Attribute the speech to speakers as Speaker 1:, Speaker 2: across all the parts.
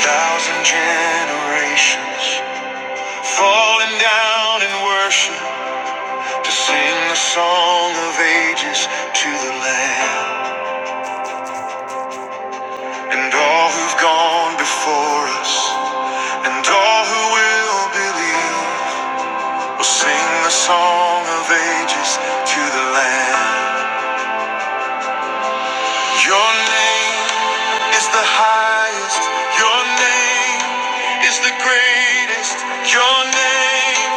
Speaker 1: thousand generations falling down in worship to sing the song of ages to the Lamb and all who've gone before us and all who will believe will sing the song of ages to the Lamb. Your name is the highest. Your name is the greatest. Your name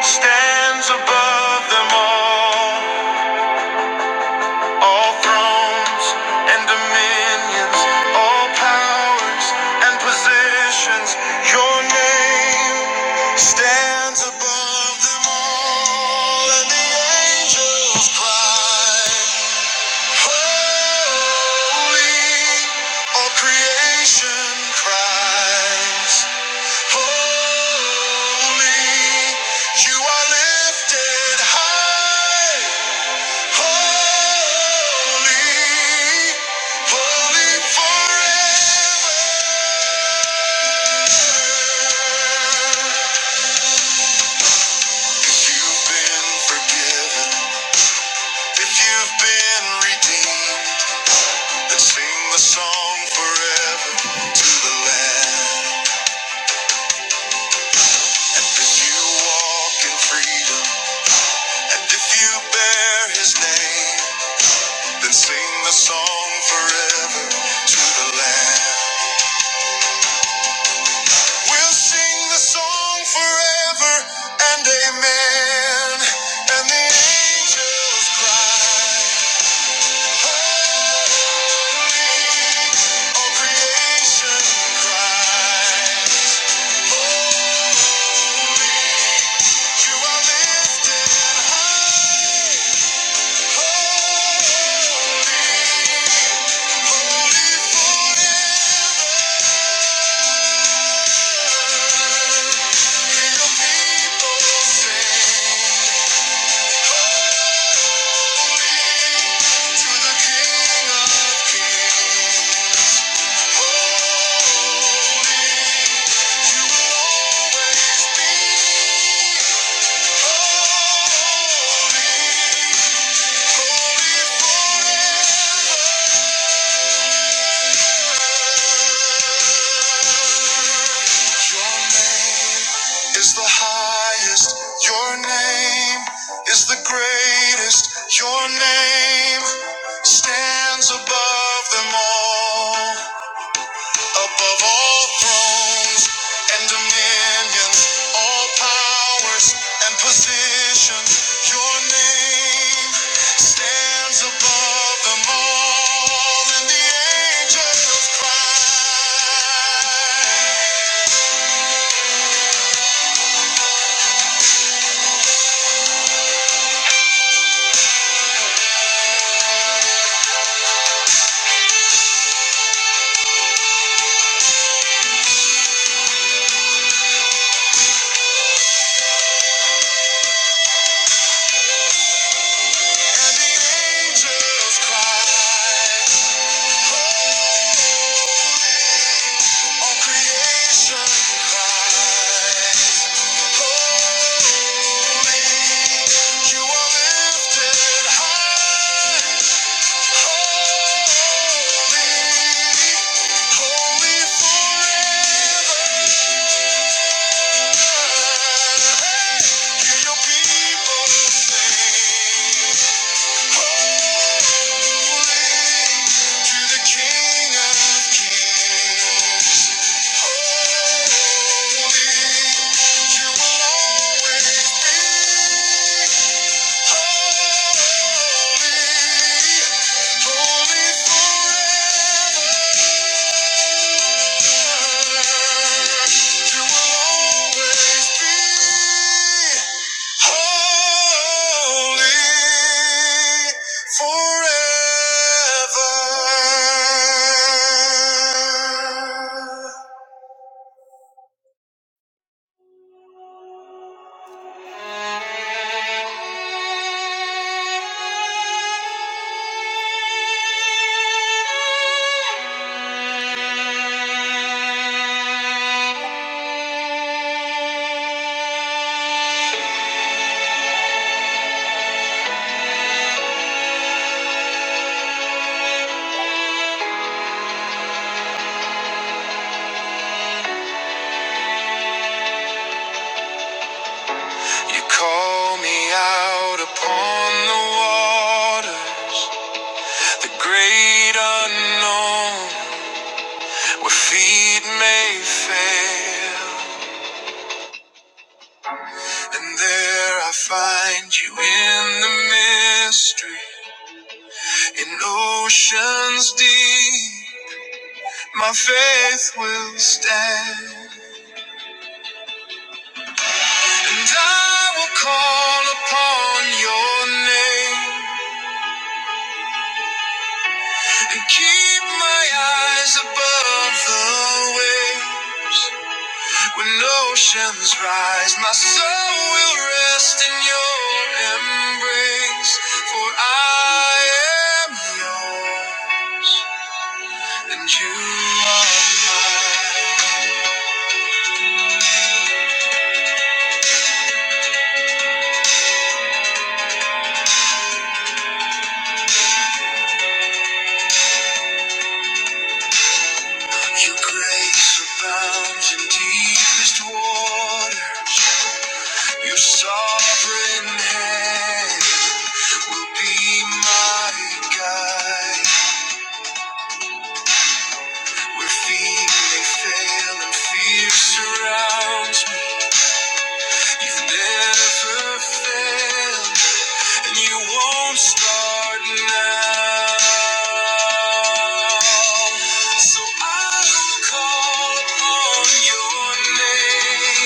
Speaker 1: stands above them all. All thrones and dominions, all powers and positions. Your name stands above them all. And the angels cry. Holy, all creation cries. Holy, you are lifted high. Holy, holy forever. If you've been forgiven, if you've been redeemed. and sing the song forever to the Lamb. And if you walk in freedom, and if you bear His name, then sing the song forever to the Lamb. We'll sing the song forever and amen. And the angels cry, Holy, all creation cry. You are lifted. The highest, your name is the greatest, your name stands above them all. Above all thrones and dominions, all powers and positions, your name stands above them all, and the angels cry. All creation, holy, you are lifted high. Holy, holy forever. You will always be holy forever. You call me out upon the waters, the great unknown, where feet may fail. And there I find you in the mystery. In oceans deep, my faith will stand. And I will call upon your name and keep my eyes above the waves. When oceans rise, my soul will rest in your embrace. For I am yours, and you are mine. Your grace abounds in deepest water. Your sovereign hand will be my guide. Where feet may fail and fear surrounds me, you've never failed, and you won't start now. So I will call upon your name.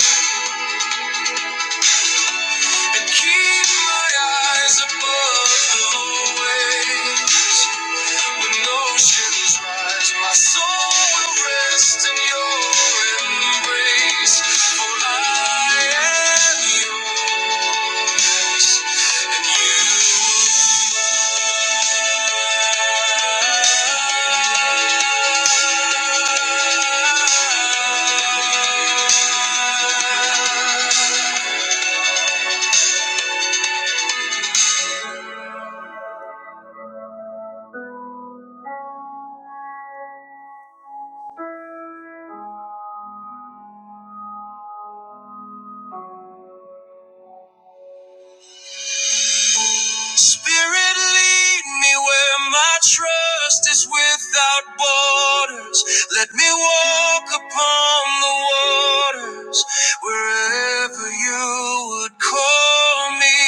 Speaker 1: Keep my eyes above the waves. When oceans rise, my soul will rest in your embrace. For I am yours, and you will Spirit, lead me where my trust is without borders. Let me walk upon the waters wherever you would call me.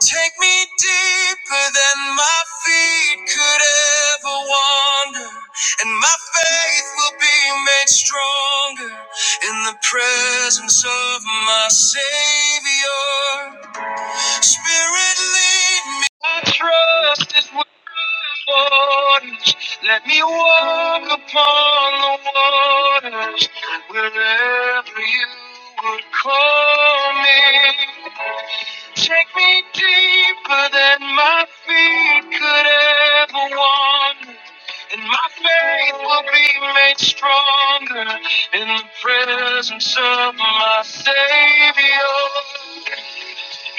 Speaker 1: Take me deeper than my feet could ever wander, and my faith will be made stronger in the presence of my Savior. Spirit, lead me. I trust is waters. Let me walk upon the waters wherever you would call me. Take me deeper than my feet could ever wander. And my faith will be made stronger in the presence of my Savior.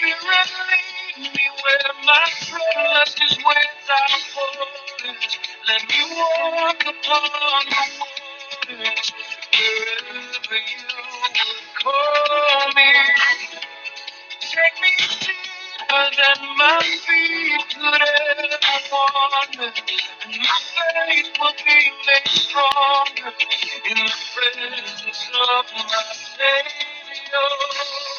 Speaker 1: You lead me where my trust is without borders. Let me walk upon the waters wherever you would call me. Take me deeper than my feet could ever wander, and my faith will be made stronger in the presence of my Savior.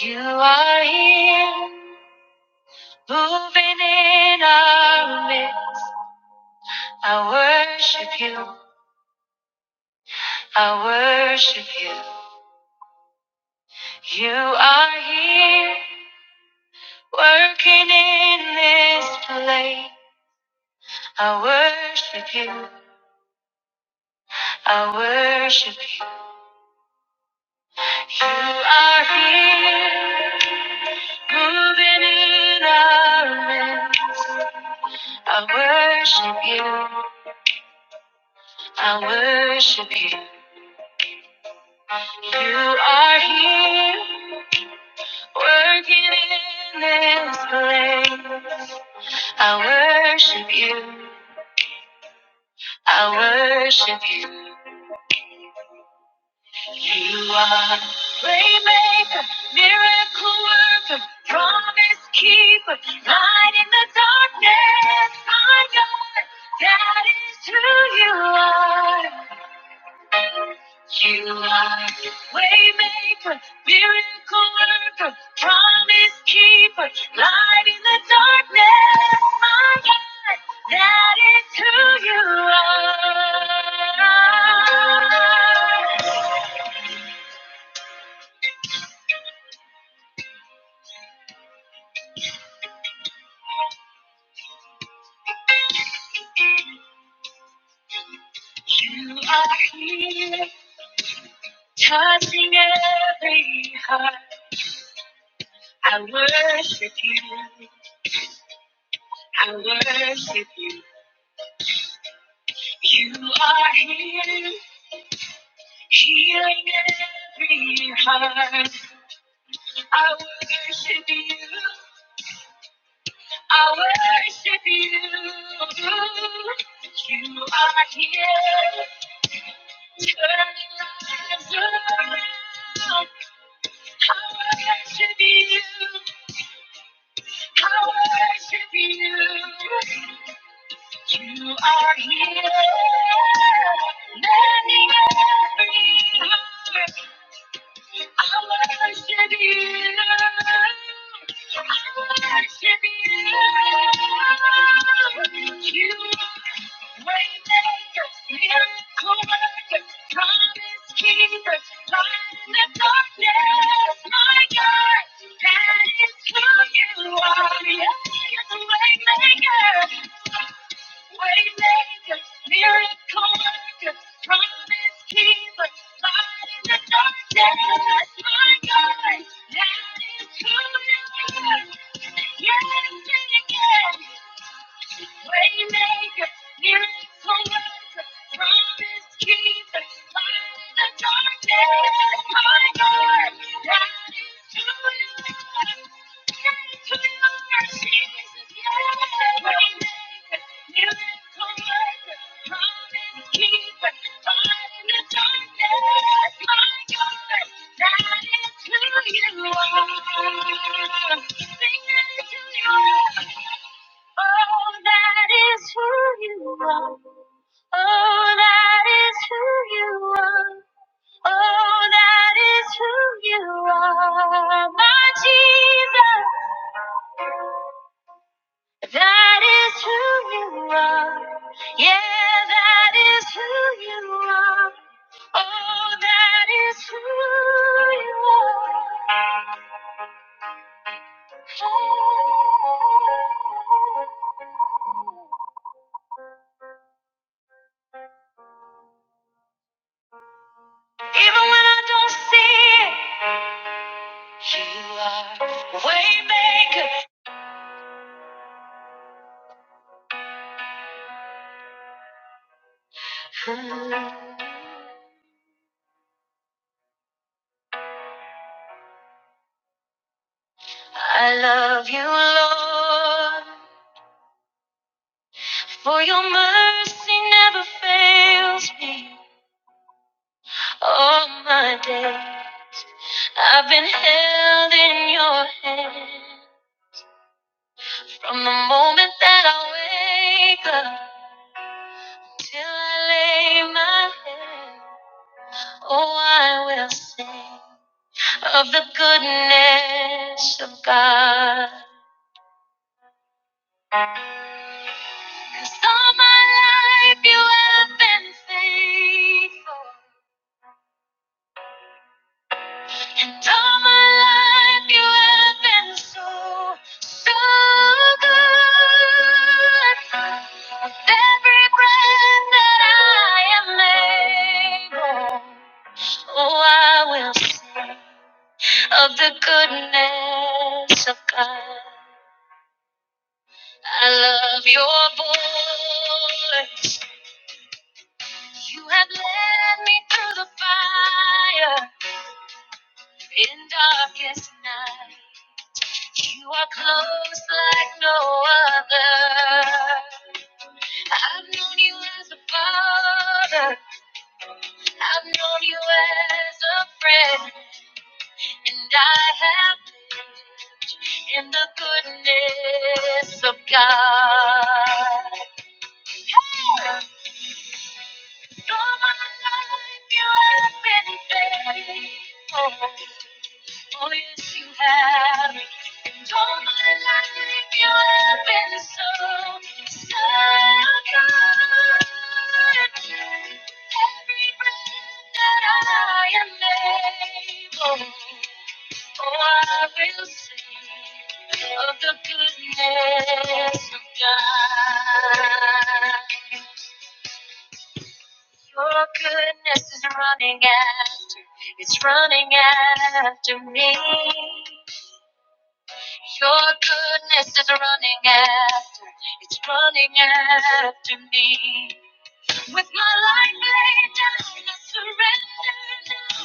Speaker 1: You are here, moving in our midst. I worship you, I worship you. You are here. Working in this place, I worship you. I worship you. You are here, moving in our midst. I worship you. I worship you. You are here, working in this place. I worship you. I worship you. You are waymaker, miracle worker, promise keeper, light in the darkness, my God, that is who you are. You are waymaker, miracle worker, promise keeper, light in the darkness, my God, that is who you are. You are here, touching every heart. I worship you. I worship you. You are here, healing every heart. I worship you. I worship you. You are here, turning lives around. I I I worship worship worship worship You. You. You You. I worship You. You are promise keeper, light in the darkness, my God. that is. It's who you are. Yeah, it's a waymaker, waymaker, miracle worker, promise keeper, light in the dark days. My God, that is who you are. Yeah, it's a maker. Waymaker, miracle worker, promise keeper, light in the darkness, my God, that is who you are. That is who you are, Jesus, yeah. Waymaker, miracle Oh, that is who you are. Oh, that is who you are. Oh, that is who you are, my Jesus. That is who you are. Yeah, that is who you are. Oh, that is who you are. Oh. Even when I don't see it, you are way maker. Hmm. I love you, Lord, for your mercy never fails me. All my day, I've been held in your hand. From the moment that I wake up till I lay my head, oh, I will sing of the goodness of God. 'Cause all my life you have been faithful. And all my life you have been so, so good. With every breath that I am able, oh, I will sing of the goodness of God. I love your voice. You have led me through the fire in darkest night. You are close like no other. I've known you as a father. I've known you as a friend. And I have lived in the goodness of God. Hey! All my life you have been faithful. Oh, yes, you have. And all my life, you have been so, so good. Every breath that I am able, oh, I will sing of the goodness of God. Your goodness is running after, it's running after me. Your goodness is running after, it's running after me. With my life laid down, I surrender now.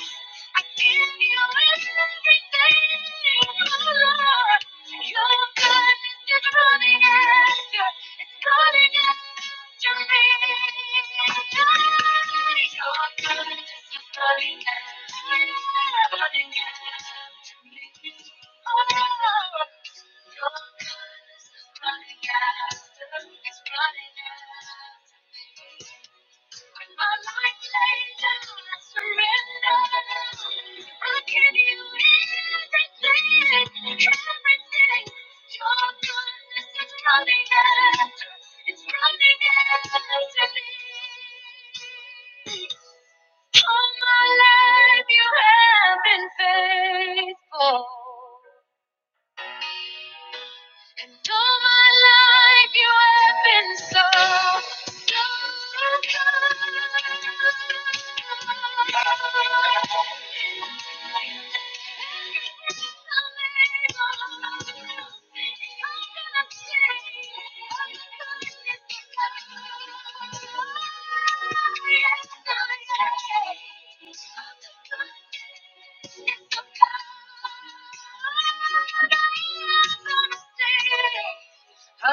Speaker 1: I give you everything, oh Lord. Your goodness is running after,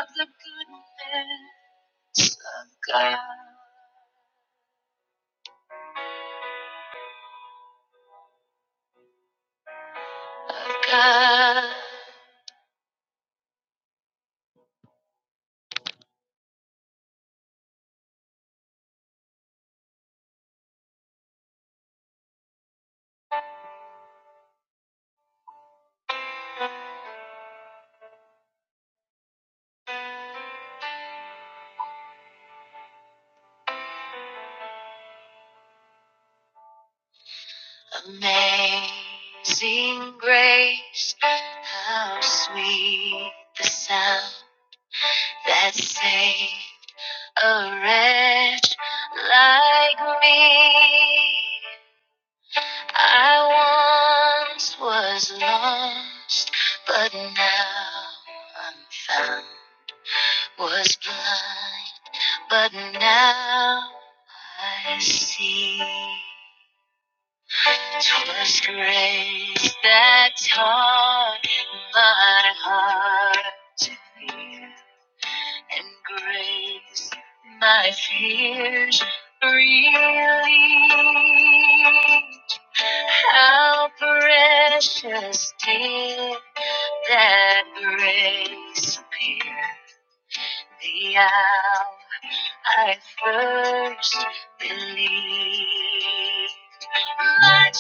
Speaker 1: of the goodness of God. I see that on my heart and grave my fears. really how precious did that grace appear the hour I first believed. My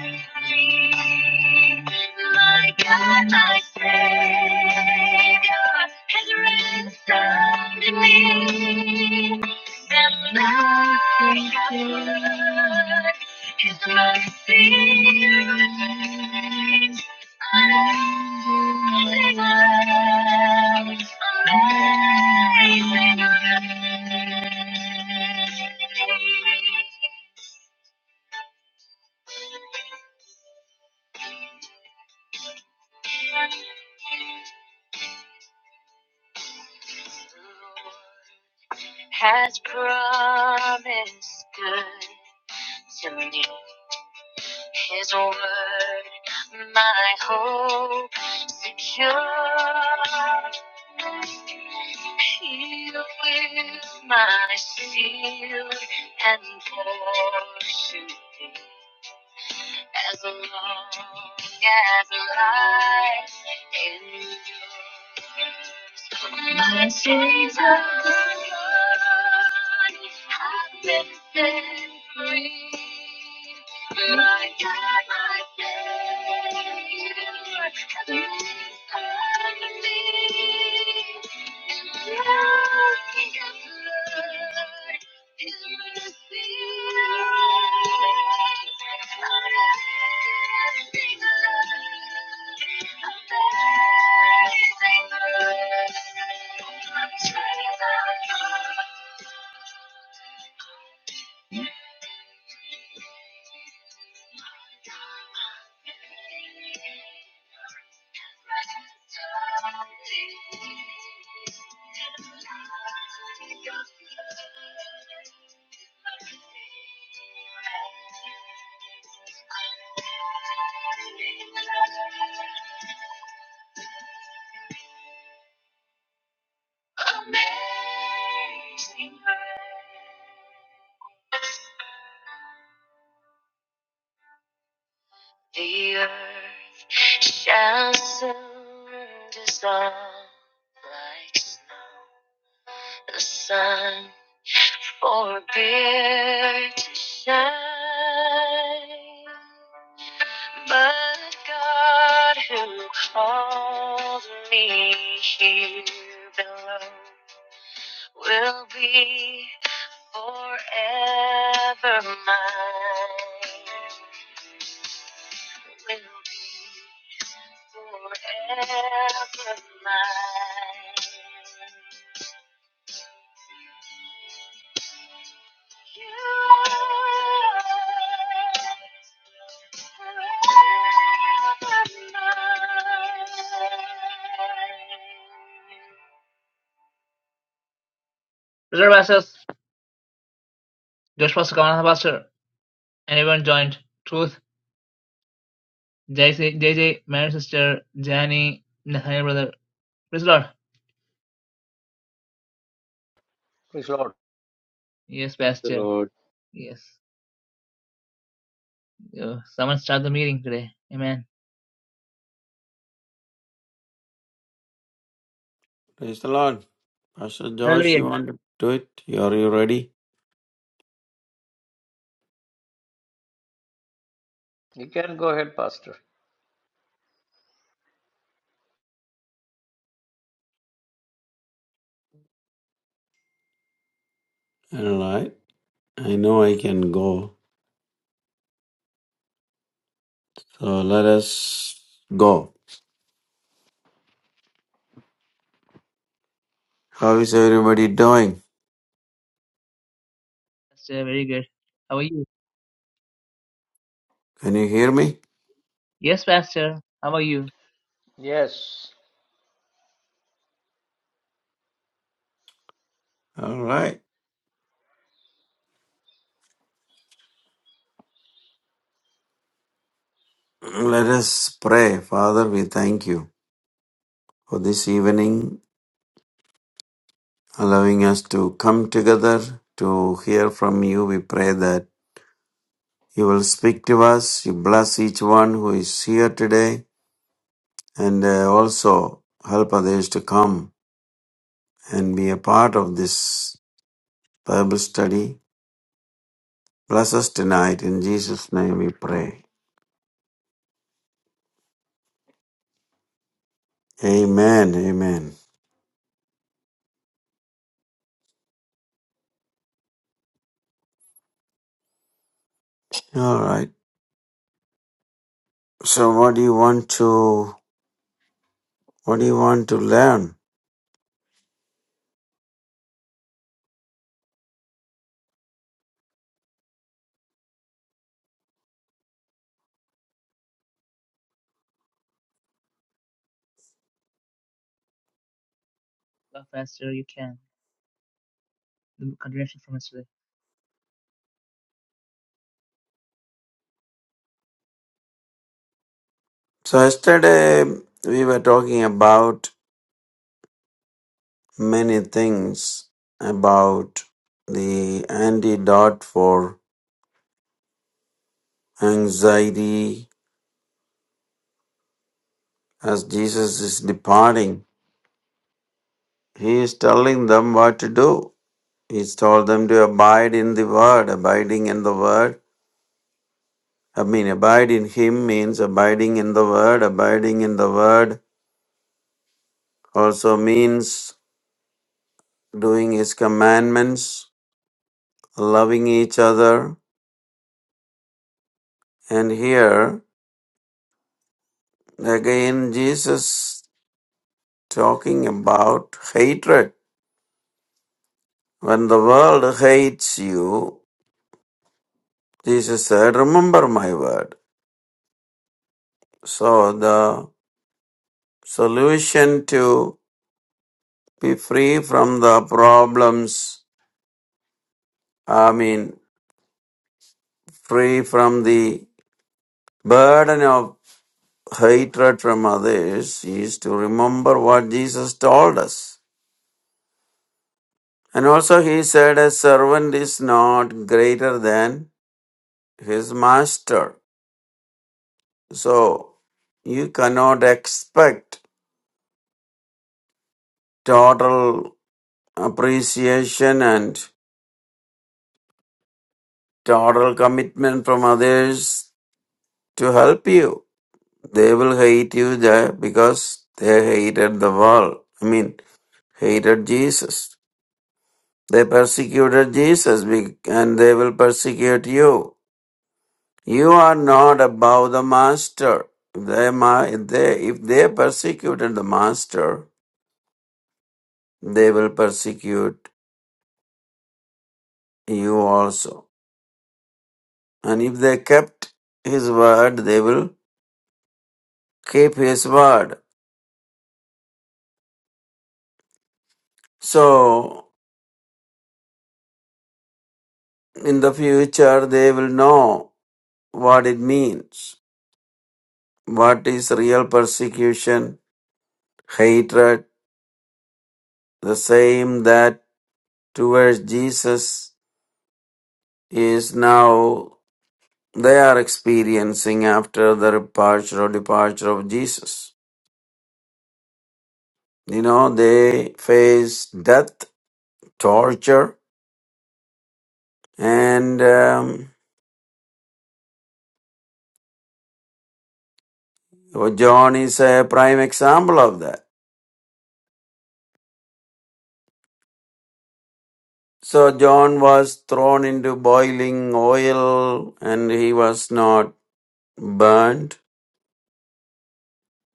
Speaker 1: only, my Savior has ransomed me. and His mercy, Lord. has promised good to me. His word, my hope secure. He is my shield and portion. As long as life endures, my Jesus. Reserve access. Josh Pastor, Pastor. Anyone joined: Truth, JJ, married sister, Janie, and her brother. Praise the Lord.
Speaker 2: Praise the Lord.
Speaker 1: Yes,
Speaker 3: Praise the
Speaker 1: Pastor.
Speaker 3: Lord.
Speaker 1: Yes. Uh, someone start the meeting today. Amen.
Speaker 4: Praise the Lord. Pastor Josh,
Speaker 1: Hallelujah.
Speaker 4: you want to do it? Are you ready?
Speaker 2: You can go ahead, Pastor.
Speaker 4: All right. I know I can go. So let us go. How is everybody doing?
Speaker 1: Pastor, very good. How are you?
Speaker 4: Can you hear me?
Speaker 1: Yes, Pastor. How are you?
Speaker 2: Yes,
Speaker 4: All right. Let us pray. Father, we thank you for this evening, allowing us to come together to hear from you. We pray that you will speak to us. You bless each one who is here today and uh, also help others to come and be a part of this Bible study. Bless us tonight. In Jesus' name we pray. Amen. Amen. All right. So what do you want to what do you want to learn?
Speaker 1: Well, Pastor, you can. The continuation from yesterday.
Speaker 4: So yesterday we were talking about many things about the antidote for anxiety as Jesus is departing. He is telling them what to do. He's told them to abide in the word, abiding in the word I mean, abide in Him means abiding in the Word. Abiding in the Word also means doing His commandments, loving each other. And here, again, Jesus talking about hatred. When the world hates you, Jesus said, Remember my word. So, the solution to be free from the problems, I mean, free from the burden of hatred from others is to remember what Jesus told us. And also, he said, A servant is not greater than his master. So, you cannot expect total appreciation and total commitment from others to help you. They will hate you there because they hated the world. I mean, hated Jesus. They persecuted Jesus be- and they will persecute you. You are not above the master. If they, ma- if they, if they persecuted the master, they will persecute you also. And if they kept his word, they will keep his word. So, in the future, they will know what it means. What is real persecution, hatred, the same that towards Jesus is now they are experiencing after the departure or departure of Jesus. You know, they face death, torture, and um, John is a prime example of that. So John was thrown into boiling oil and he was not burnt.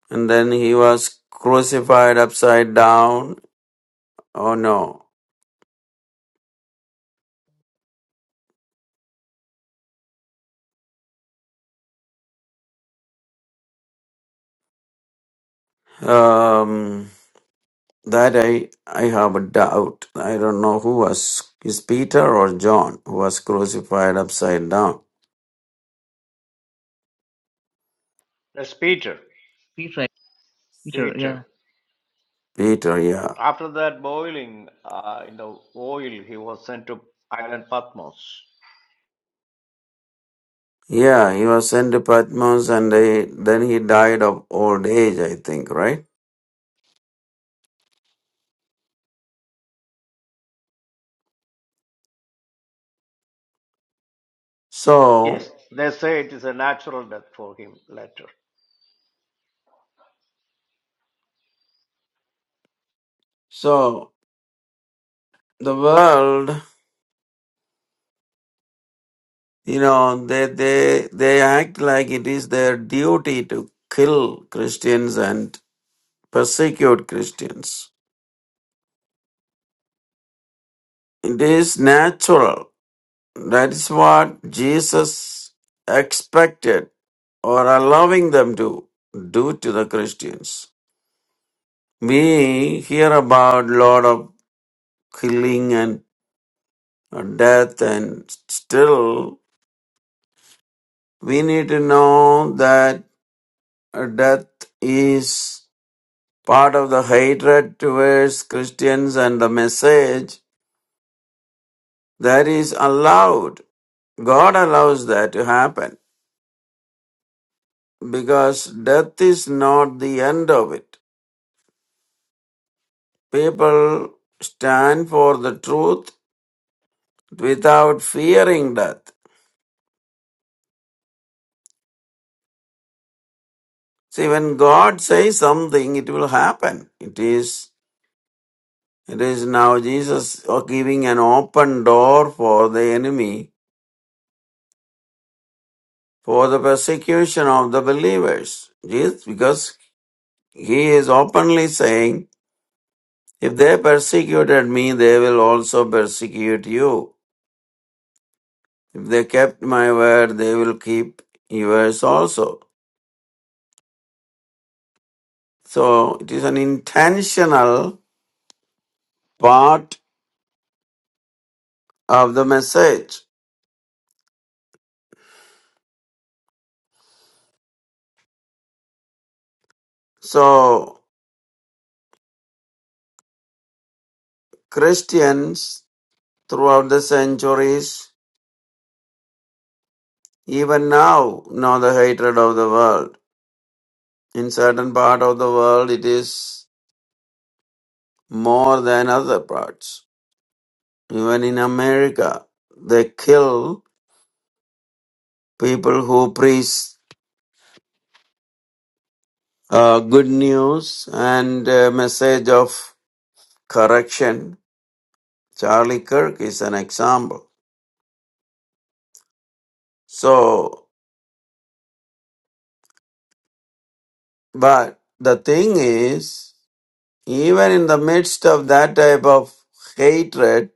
Speaker 4: And then he was crucified upside down. Oh no. Um, That I, I have a doubt. I don't know who was, is Peter or John who was crucified upside down?
Speaker 2: that's Peter.
Speaker 1: Peter, right? Peter,
Speaker 2: Peter.
Speaker 1: yeah.
Speaker 4: Peter, yeah.
Speaker 2: After that boiling uh, in the oil, he was sent to island Patmos.
Speaker 4: Yeah, he was sent to Patmos and they, then he died of old age, I think, right? So,
Speaker 2: Yes, they say it is a natural death for him later.
Speaker 4: so the world, you know, they, they, they act like it is their duty to kill Christians and persecute Christians. It is natural That is what Jesus expected or allowing them to do to the Christians. We hear about lot of killing and death and still we need to know that death is part of the hatred towards Christians and the message that is allowed. God allows that to happen because death is not the end of it. People stand for the truth without fearing death. See, when God says something, it will happen. It is, it is now Jesus giving an open door for the enemy for the persecution of the believers. Jesus, because he is openly saying, if they persecuted me, they will also persecute you. If they kept my word, they will keep yours also. So it is an intentional part of the message. So Christians throughout the centuries, even now, know the hatred of the world. In certain part of the world, it is more than other parts. Even in America, they kill people who preach uh, good news and uh, message of correction. Charlie Kirk is an example. So But the thing is, even in the midst of that type of hatred,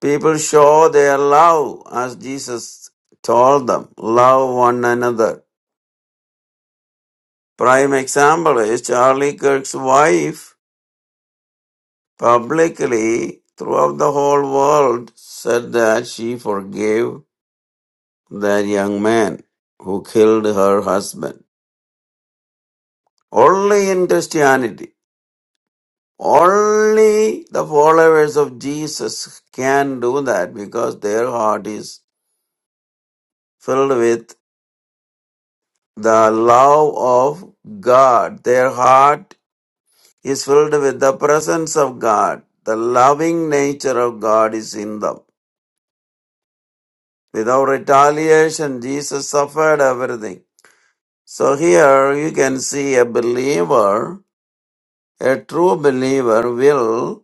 Speaker 4: people show their love as Jesus told them, love one another. Prime example is Charlie Kirk's wife publicly throughout the whole world said that she forgave that young man who killed her husband. Only in Christianity. Only the followers of Jesus can do that because their heart is filled with the love of God. Their heart is filled with the presence of God. The loving nature of God is in them. Without retaliation, Jesus suffered everything. So here you can see a believer, a true believer will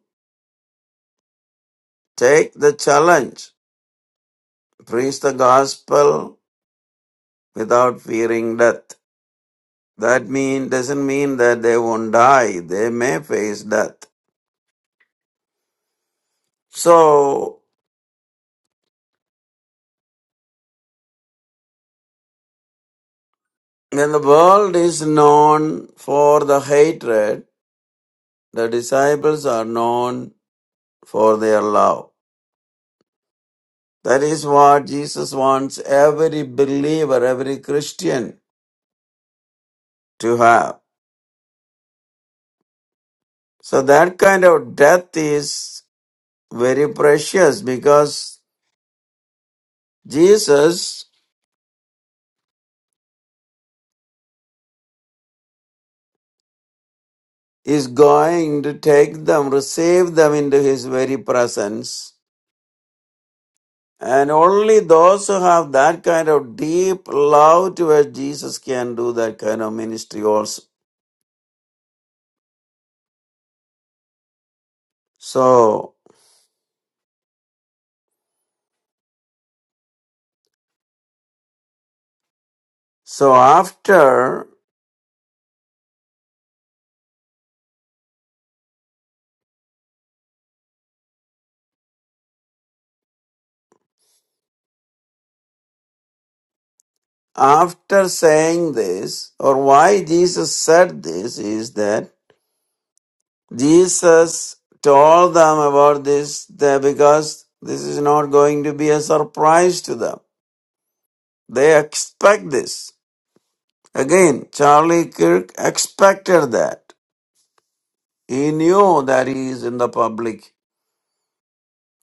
Speaker 4: take the challenge, preach the gospel without fearing death. That mean doesn't mean that they won't die. They may face death. So when the world is known for the hatred, the disciples are known for their love. That is what Jesus wants every believer, every Christian to have. So that kind of death is very precious because Jesus is going to take them, receive them into his very presence And only those who have that kind of deep love towards Jesus can do that kind of ministry also. So, so after, after saying this, or why Jesus said this is that Jesus told them about this that because this is not going to be a surprise to them. They expect this. Again, Charlie Kirk expected that. He knew that he is in the public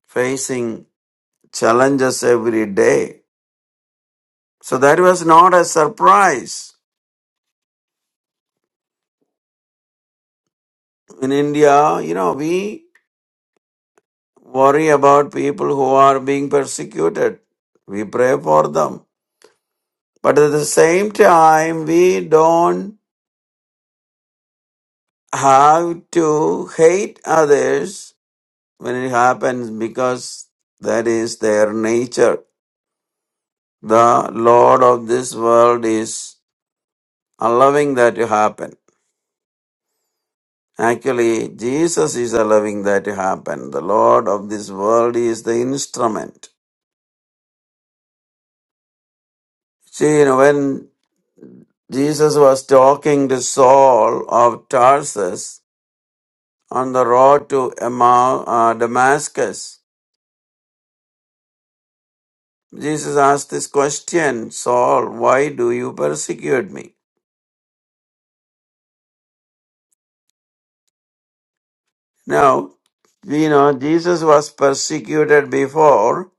Speaker 4: facing challenges every day. So that was not a surprise. In India, you know, we worry about people who are being persecuted. We pray for them. But at the same time, we don't have to hate others when it happens because that is their nature. The Lord of this world is allowing that to happen. Actually, Jesus is allowing that to happen. The Lord of this world is the instrument. See, you know, when Jesus was talking to Saul of Tarsus on the road to Emma, uh, Damascus, Jesus asked this question, Saul, why do you persecute me? Now, you know, Jesus was persecuted before,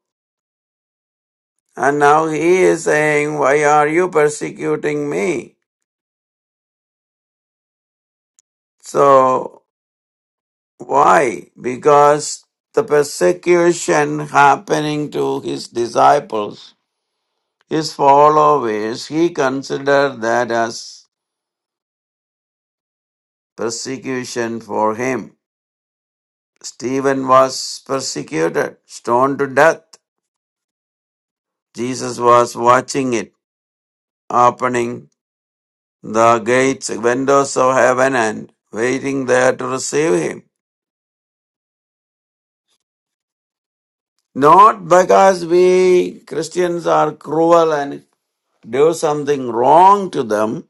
Speaker 4: and now he is saying, why are you persecuting me? So Why? Because the persecution happening to his disciples, his followers, he considered that as persecution for him. Stephen was persecuted, stoned to death. Jesus was watching it, opening the gates, windows of heaven, and waiting there to receive him. Not because we Christians are cruel and do something wrong to them,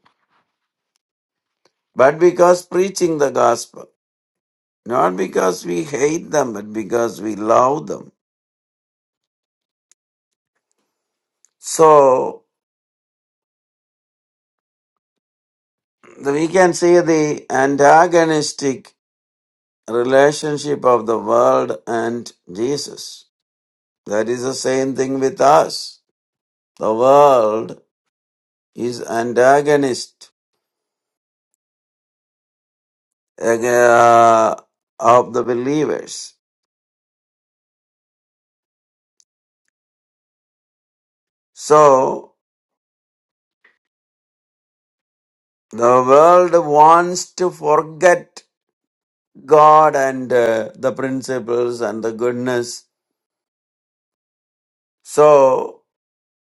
Speaker 4: but because preaching the gospel, not because we hate them, but because we love them. So the- we can see the antagonistic relationship of the world and Jesus. That is the same thing with us. The world is antagonist uh, of the believers. So the world wants to forget God and uh, the principles and the goodness So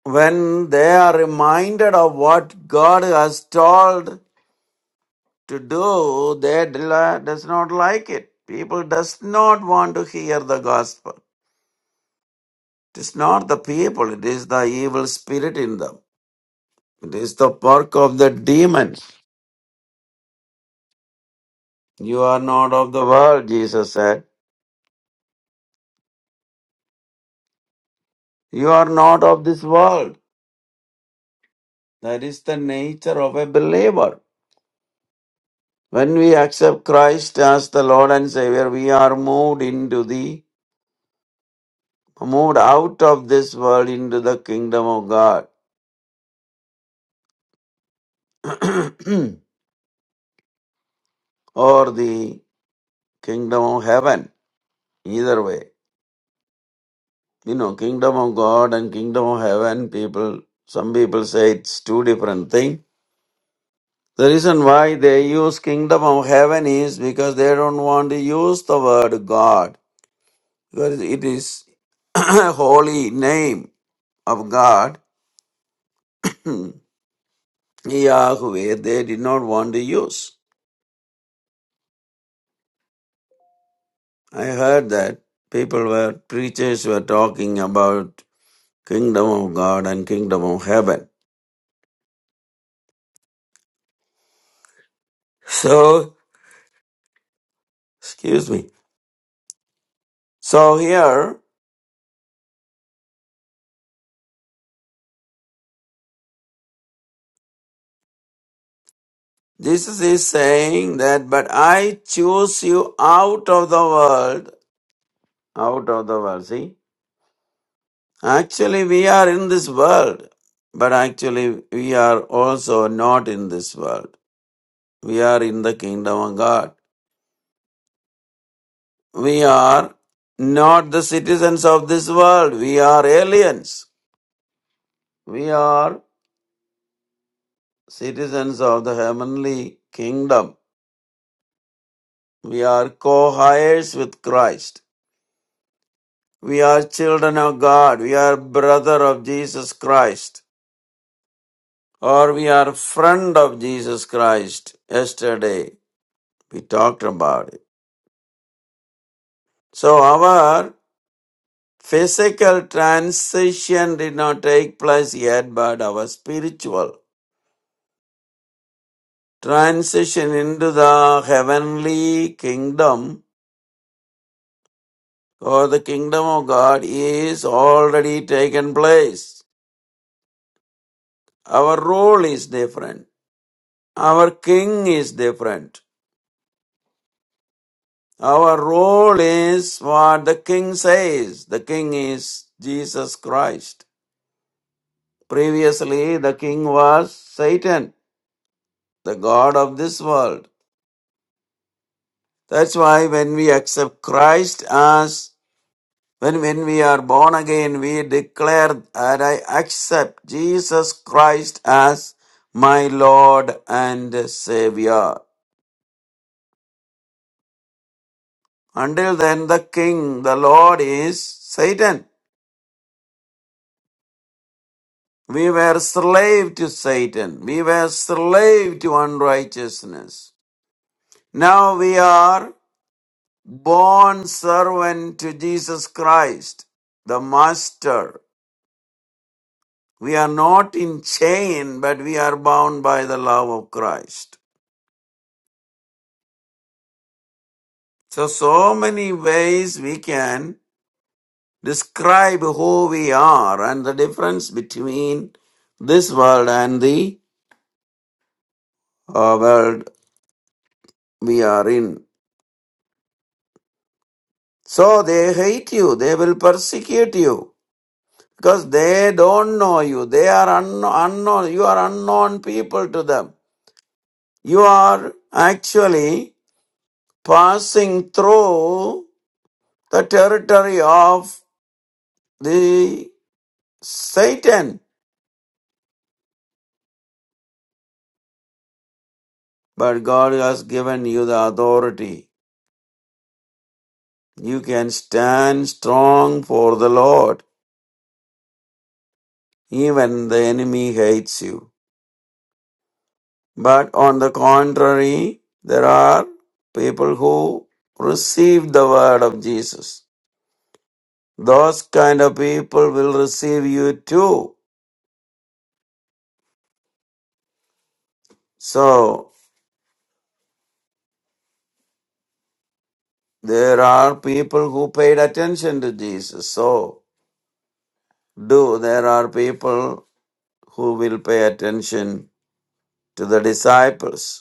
Speaker 4: when they are reminded of what God has told to do, they del- does not like it. People does not want to hear the gospel. It is not the people, it is the evil spirit in them. It is the work of the demons. You are not of the world, Jesus said. You are not of this world. That is the nature of a believer. When we accept Christ as the Lord and Savior, we are moved into the moved out of this world into the kingdom of God or the kingdom of heaven. Either way, you know, kingdom of God and kingdom of heaven, people, some people say it's two different things. The reason why they use kingdom of heaven is because they don't want to use the word God because it is holy name of God, Yahweh, they did not want to use. I heard that people were preachers were talking about kingdom of God and kingdom of heaven. So, excuse me. So here Jesus is saying that but I choose you out of the world, out of the world. See? Actually we are in this world, but actually we are also not in this world. We are in the kingdom of God. We are not the citizens of this world. We are aliens. We are citizens of the heavenly kingdom. We are co heirs with Christ. We are children of God. We are brother of Jesus Christ. Or we are friend of Jesus Christ. Yesterday we talked about it. So our physical transition did not take place yet, but our spiritual transition into the heavenly kingdom For the kingdom of God is already taken place. Our role is different. Our king is different. Our role is what the king says. The king is Jesus Christ. Previously, the king was Satan, the God of this world. That's why when we accept Christ as When, when we are born again, we declare that I accept Jesus Christ as my Lord and Savior. Until then, the King, the Lord is Satan. We were slave to Satan. We were slave to unrighteousness. Now we are born servant to Jesus Christ, the Master. We are not in chain, but we are bound by the love of Christ. So, so many ways we can describe who we are and the difference between this world and the uh, world we are in. So, they hate you, they will persecute you because they don't know you. They are unno- unknown, you are unknown people to them. You are actually passing through the territory of the Satan But God has given you the authority. You can stand strong for the Lord, even the enemy hates you. But on the contrary, there are people who receive the word of Jesus. Those kind of people will receive you too. So, there are people who paid attention to Jesus. So, do there are people who will pay attention to the disciples.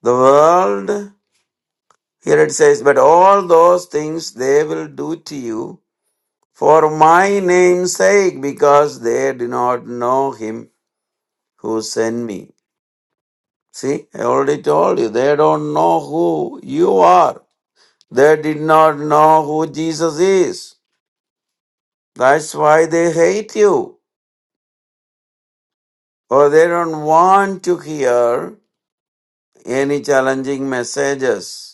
Speaker 4: The world, here it says, but all those things they will do to you for my name's sake, because they do not know him who sent me. See, I already told you, they don't know who you are. They did not know who Jesus is. That's why they hate you, or they don't want to hear any challenging messages.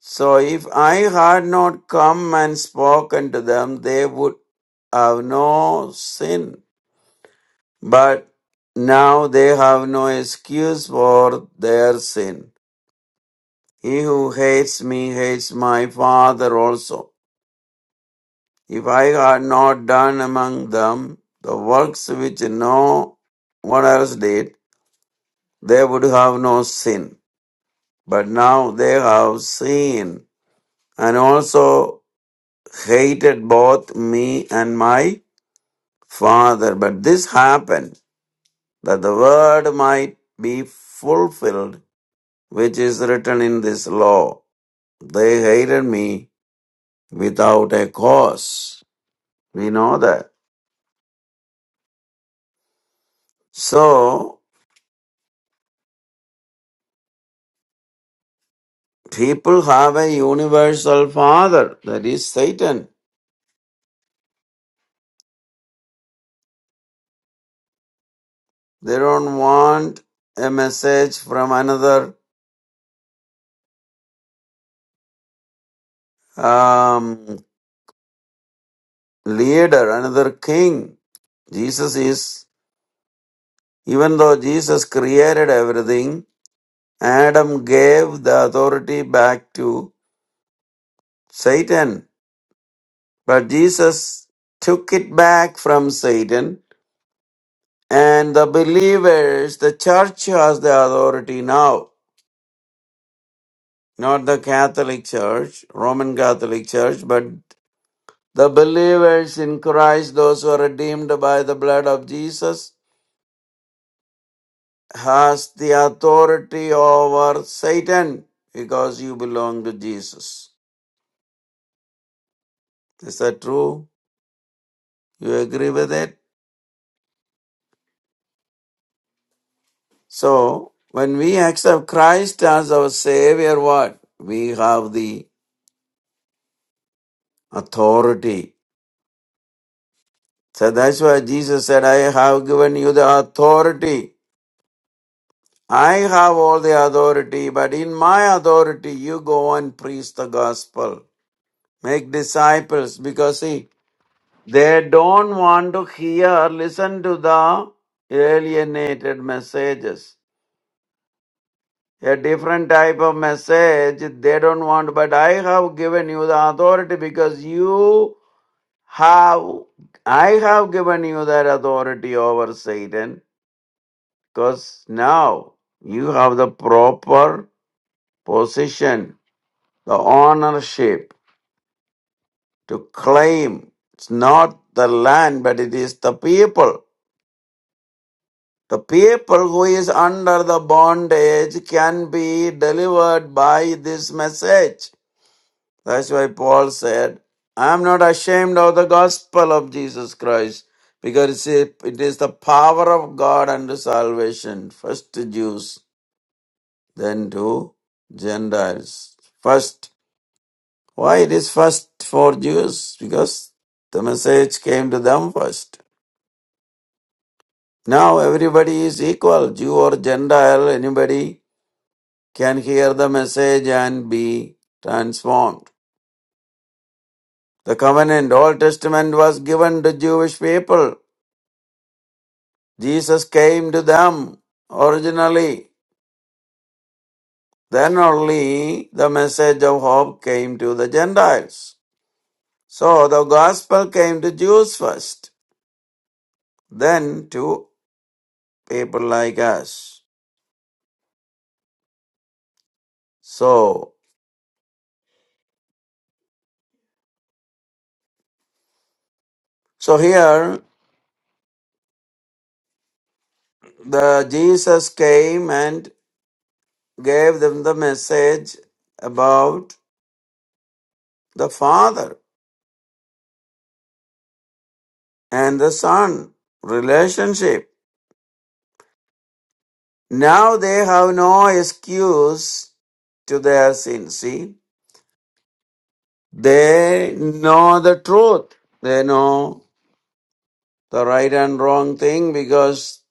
Speaker 4: So if I had not come and spoken to them, they would have no sin. But now they have no excuse for their sin. He who hates me hates my Father also. If I had not done among them the works which no one else did, they would have no sin. But now they have seen and also hated both me and my Father, but this happened that the word might be fulfilled which is written in this law. They hated me without a cause. We know that. So, people have a universal father, that is Satan. They don't want a message from another um, leader, another king. Jesus is, even though Jesus created everything, Adam gave the authority back to Satan, but Jesus took it back from Satan, and the believers, the church has the authority now. Not the Catholic Church, Roman Catholic Church, but the believers in Christ, those who are redeemed by the blood of Jesus, has the authority over Satan because you belong to Jesus. Is that true? You agree with it? So when we accept Christ as our Savior, what? We have the authority. So that's why Jesus said, I have given you the authority. I have all the authority, but in my authority, you go and preach the gospel. Make disciples because see, they don't want to hear, listen to the alienated messages. a different type of message they don't want but i have given you the authority because you have i have given you that authority over satan because now you have the proper position the ownership to claim it's not the land but it is the people the people who is under the bondage can be delivered by this message That's why Paul said, I am not ashamed of the gospel of Jesus Christ because it it is the power of God unto salvation, first to Jews, then to Gentiles. First, why it is first for Jews? Because the message came to them first. Now everybody is equal, Jew or Gentile, anybody can hear the message and be transformed. The covenant, Old Testament was given to Jewish people. Jesus came to them originally. Then only the message of hope came to the Gentiles. So the gospel came to Jews first, then to people like us. So, so here the Jesus came and gave them the message about the Father and the Son relationship. Now they have no excuse to their sin. See, They know the truth. They know the right and wrong thing because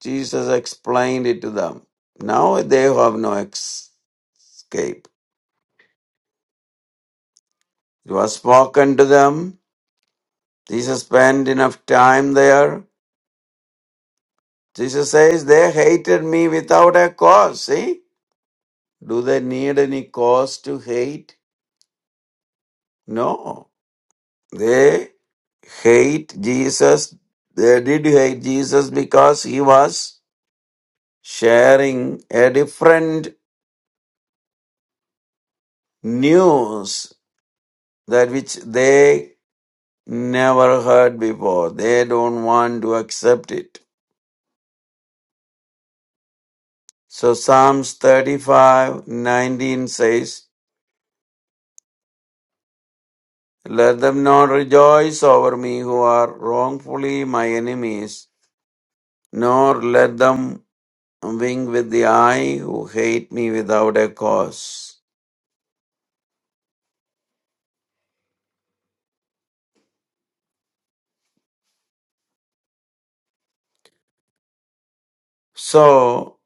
Speaker 4: Jesus explained it to them. Now they have no ex- escape. It was spoken to them. Jesus spent enough time there. Jesus says, They hated me without a cause. See? Do they need any cause to hate? No. They hate Jesus. They did hate Jesus because he was sharing a different news that which they never heard before. They don't want to accept it. So Psalms 35 19 says, Let them not rejoice over me who are wrongfully my enemies, nor let them wink with the eye who hate me without a cause. So,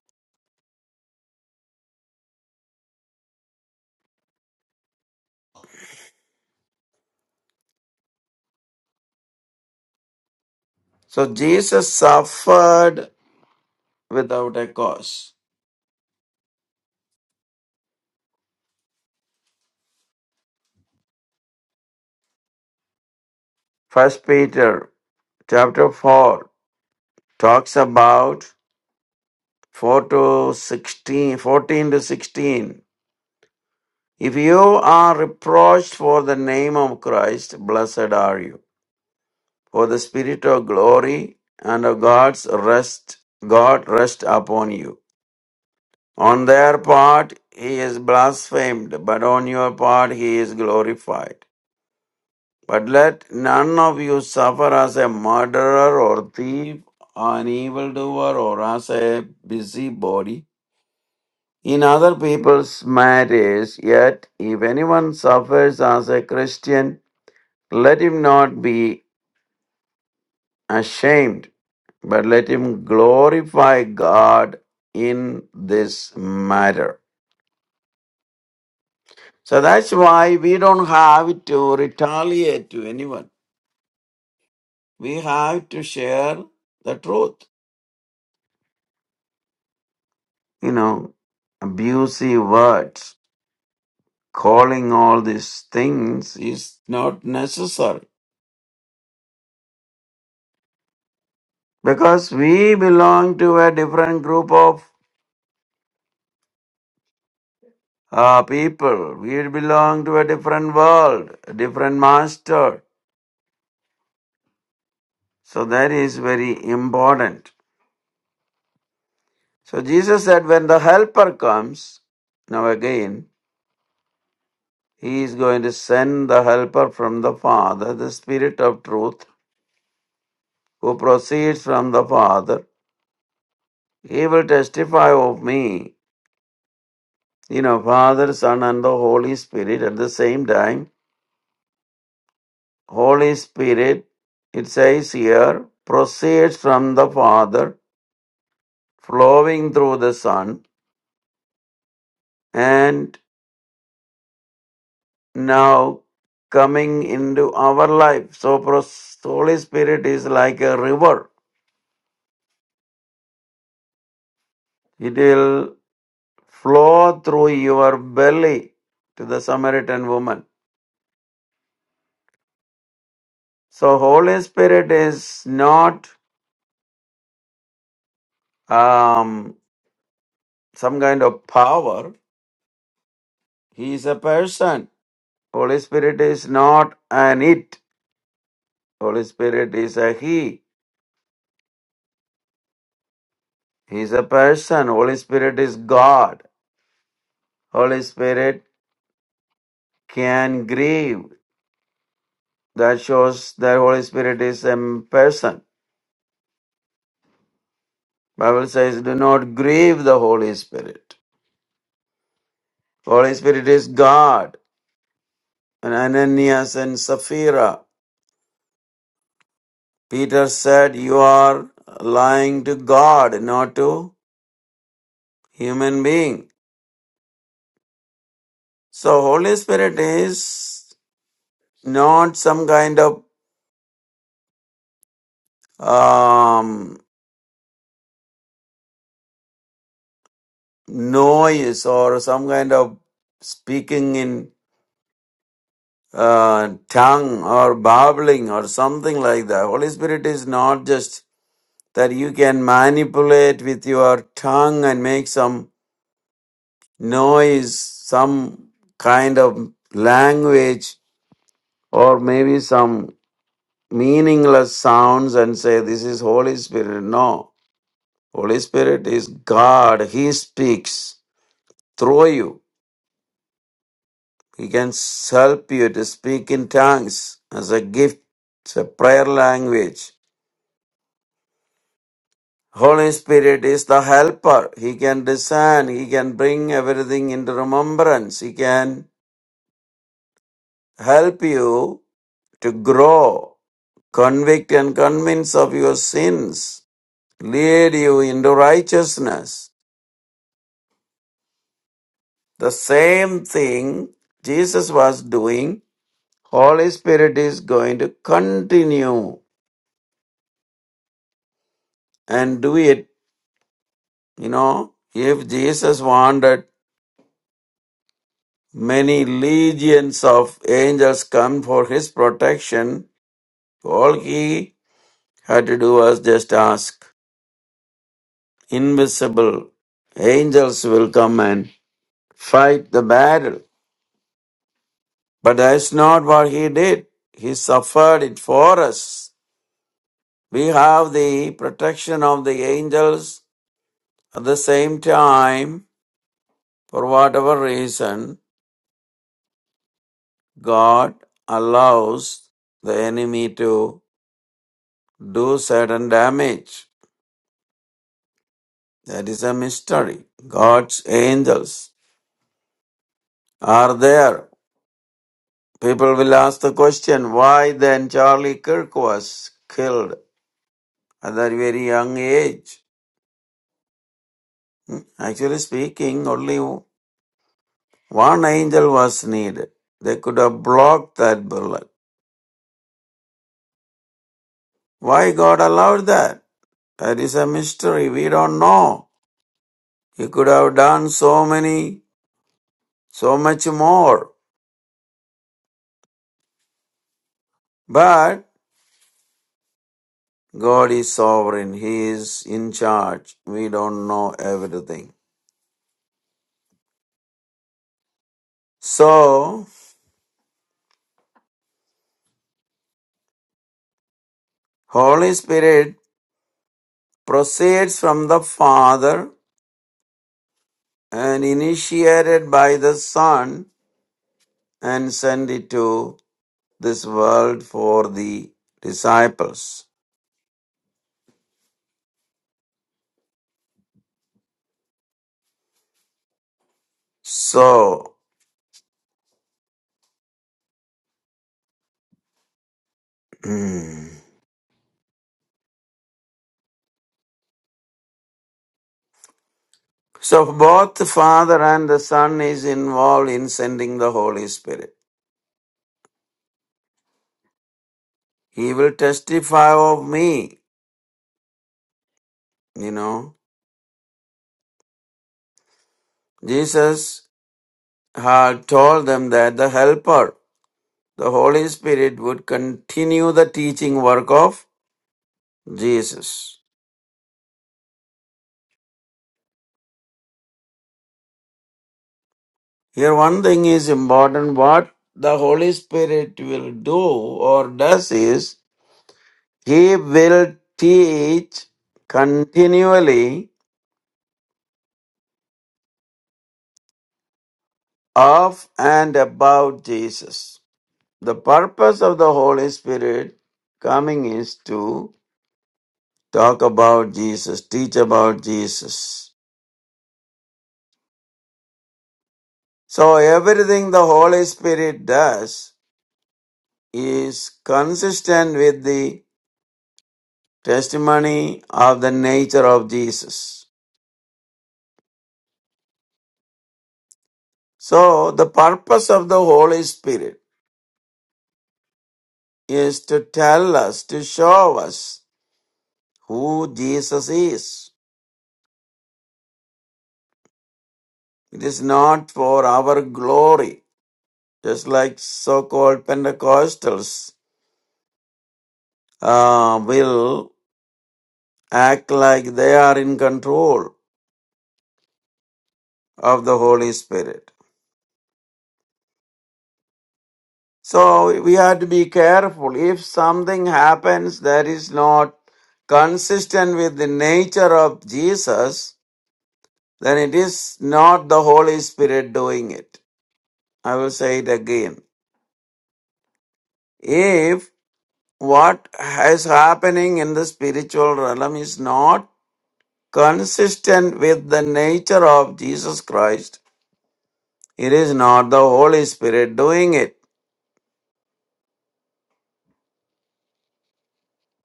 Speaker 4: so Jesus suffered without a cause. First Peter Chapter 4 talks about 4 to 16, 14 to 16. If you are reproached for the name of Christ, blessed are you. For the spirit of glory and of God's rest, God rest upon you. On their part, he is blasphemed, but on your part, he is glorified. But let none of you suffer as a murderer or thief, or an evildoer, or as a busybody in other people's matters, yet if anyone suffers as a Christian, let him not be ashamed, but let him glorify God in this matter. So that's why we don't have to retaliate to anyone. We have to share the truth. You know, abusive words, calling all these things is not necessary because we belong to a different group of uh, people. We belong to a different world, a different master. So that is very important. So Jesus said, when the helper comes, now again, he is going to send the helper from the Father, the Spirit of truth, who proceeds from the Father. He will testify of me, you know, Father, Son, and the Holy Spirit at the same time Holy Spirit, it says here, proceeds from the Father, flowing through the Son, and now coming into our life. So, pros- Holy Spirit is like a river, it will flow through your belly to the Samaritan woman. So, Holy Spirit is not um, some kind of power, He is a person. Holy Spirit is not an it. Holy Spirit is a He. He is a person. Holy Spirit is God. Holy Spirit can grieve. That shows that Holy Spirit is a person. Bible says, do not grieve the Holy Spirit. Holy Spirit is God. And Ananias and Sapphira. Peter said, you are lying to God, not to human being. So Holy Spirit is not some kind of um. noise or some kind of speaking in uh, tongue or babbling or something like that. Holy Spirit is not just that you can manipulate with your tongue and make some noise, some kind of language, or maybe some meaningless sounds and say, This is Holy Spirit. No. Holy Spirit is God. He speaks through you. He can help you to speak in tongues as a gift. It's a prayer language. Holy Spirit is the helper. He can discern. He can bring everything into remembrance. He can help you to grow, convict and convince of your sins, lead you into righteousness. The same thing Jesus was doing, Holy Spirit is going to continue and do it You know, if Jesus wanted many legions of angels come for his protection, all he had to do was just ask. Invisible angels will come and fight the battle. But that's not what he did. He suffered it for us. We have the protection of the angels at the same time, for whatever reason, God allows the enemy to do certain damage. That is a mystery. God's angels are there. People will ask the question, why then Charlie Kirk was killed at that very young age? Actually speaking, only one angel was needed. They could have blocked that bullet. Why God allowed that? That is a mystery. We don't know. He could have done so many, so much more. But. God is sovereign. He is in charge. We don't know everything. So, Holy Spirit proceeds from the Father and initiated by the Son and sent it to this world for the disciples. So, so both the Father and the Son is involved in sending the Holy Spirit. He will testify of me, you know. Jesus had told them that the Helper, the Holy Spirit, would continue the teaching work of Jesus. Here, one thing is important what the Holy Spirit will do or does is He will teach continually of and about Jesus. The purpose of the Holy Spirit coming is to talk about Jesus, teach about Jesus So everything the Holy Spirit does is consistent with the testimony of the nature of Jesus. So the purpose of the Holy Spirit is to tell us, to show us who Jesus is. It is not for our glory, just like so-called Pentecostals uh, will act like they are in control of the Holy Spirit. So we have to be careful. If something happens that is not consistent with the nature of Jesus, then it is not the Holy Spirit doing it. I will say it again. If what is happening in the spiritual realm is not consistent with the nature of Jesus Christ, it is not the Holy Spirit doing it.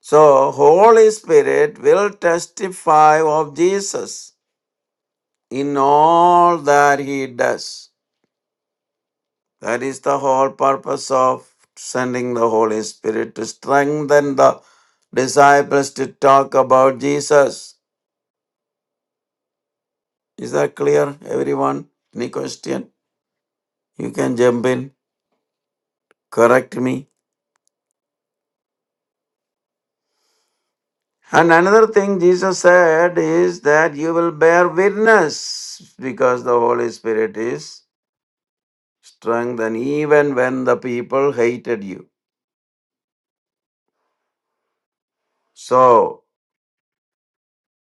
Speaker 4: So Holy Spirit will testify of Jesus. in all that he does. That is the whole purpose of sending the Holy Spirit to strengthen the disciples to talk about Jesus. Is that clear, everyone? Any question? You can jump in, correct me. And another thing Jesus said is that you will bear witness because the Holy Spirit is strengthened even when the people hated you. So,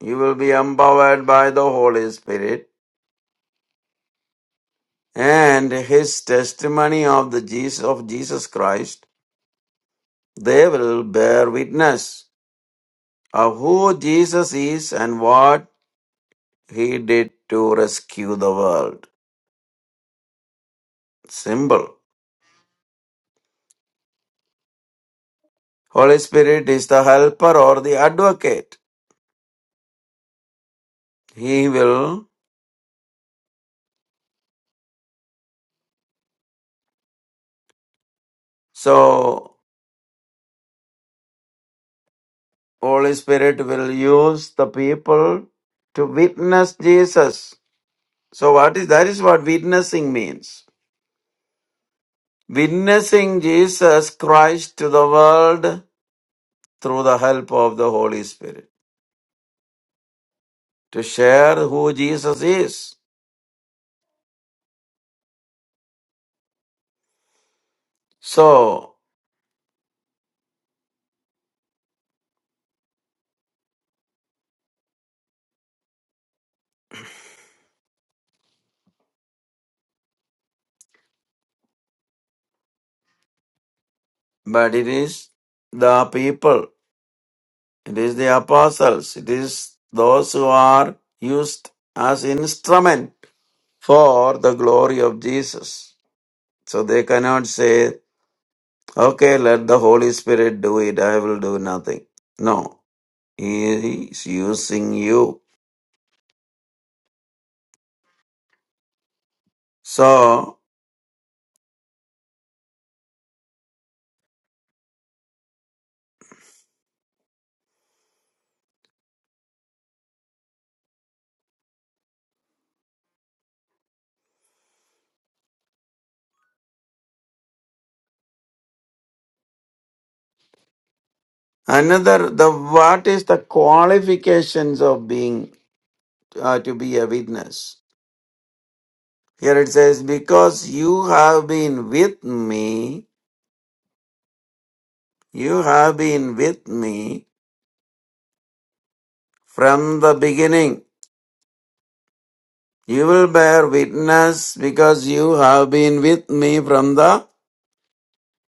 Speaker 4: You will be empowered by the Holy Spirit and his testimony of the Jesus of Jesus Christ. They will bear witness of who Jesus is and what he did to rescue the world. Simple. Holy Spirit is the helper or the advocate. He will so Holy Spirit will use the people to witness Jesus. So what is that is what witnessing means witnessing Jesus Christ to the world through the help of the Holy Spirit, to share who Jesus is. So, but it is the people, it is the apostles, it is those who are used as instrument for the glory of Jesus. So they cannot say, okay, let the Holy Spirit do it, I will do nothing. No, He is using you. So Another, the what is the qualifications of being uh, to be a witness? Here it says, because you have been with me, you have been with me from the beginning. You will bear witness because you have been with me from the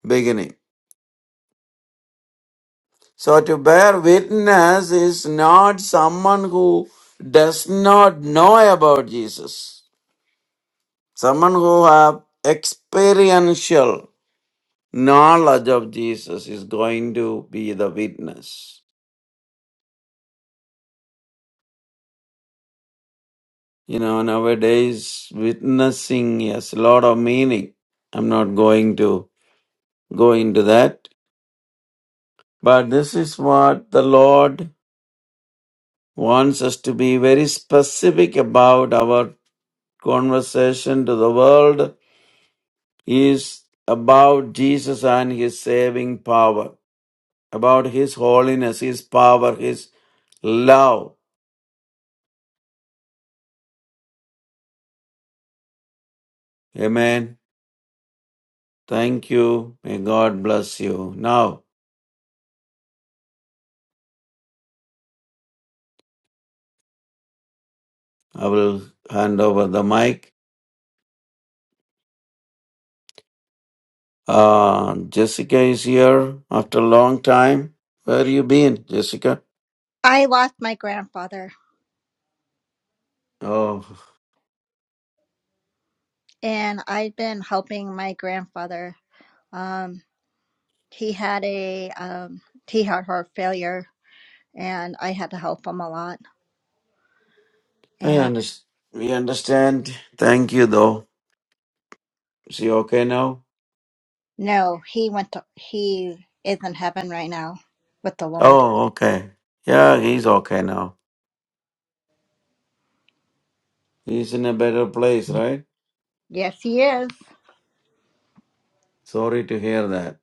Speaker 4: beginning. So to bear witness is not someone who does not know about Jesus. Someone who have experiential knowledge of Jesus is going to be the witness. You know, nowadays witnessing has a lot of meaning. I'm not going to go into that. But this is what the Lord wants us to be very specific about our conversation to the world is about Jesus and his saving power, about his holiness, his power, his love. Amen. Thank you. May God bless you. Now I will hand over the mic. Uh, Jessica is here after a long time. Where you been, Jessica?
Speaker 5: I lost my grandfather,
Speaker 4: Oh,
Speaker 5: and I've been helping my grandfather. Um, he had a um, he had heart failure, and I had to help him a lot.
Speaker 4: I
Speaker 5: And
Speaker 4: understand. We understand. Thank you, though. Is he okay now?
Speaker 5: no, he went to he is in heaven right now with the Lord.
Speaker 4: Oh, okay. Yeah, he's okay now. He's in a better place, right?
Speaker 5: Yes, he is.
Speaker 4: Sorry to hear that.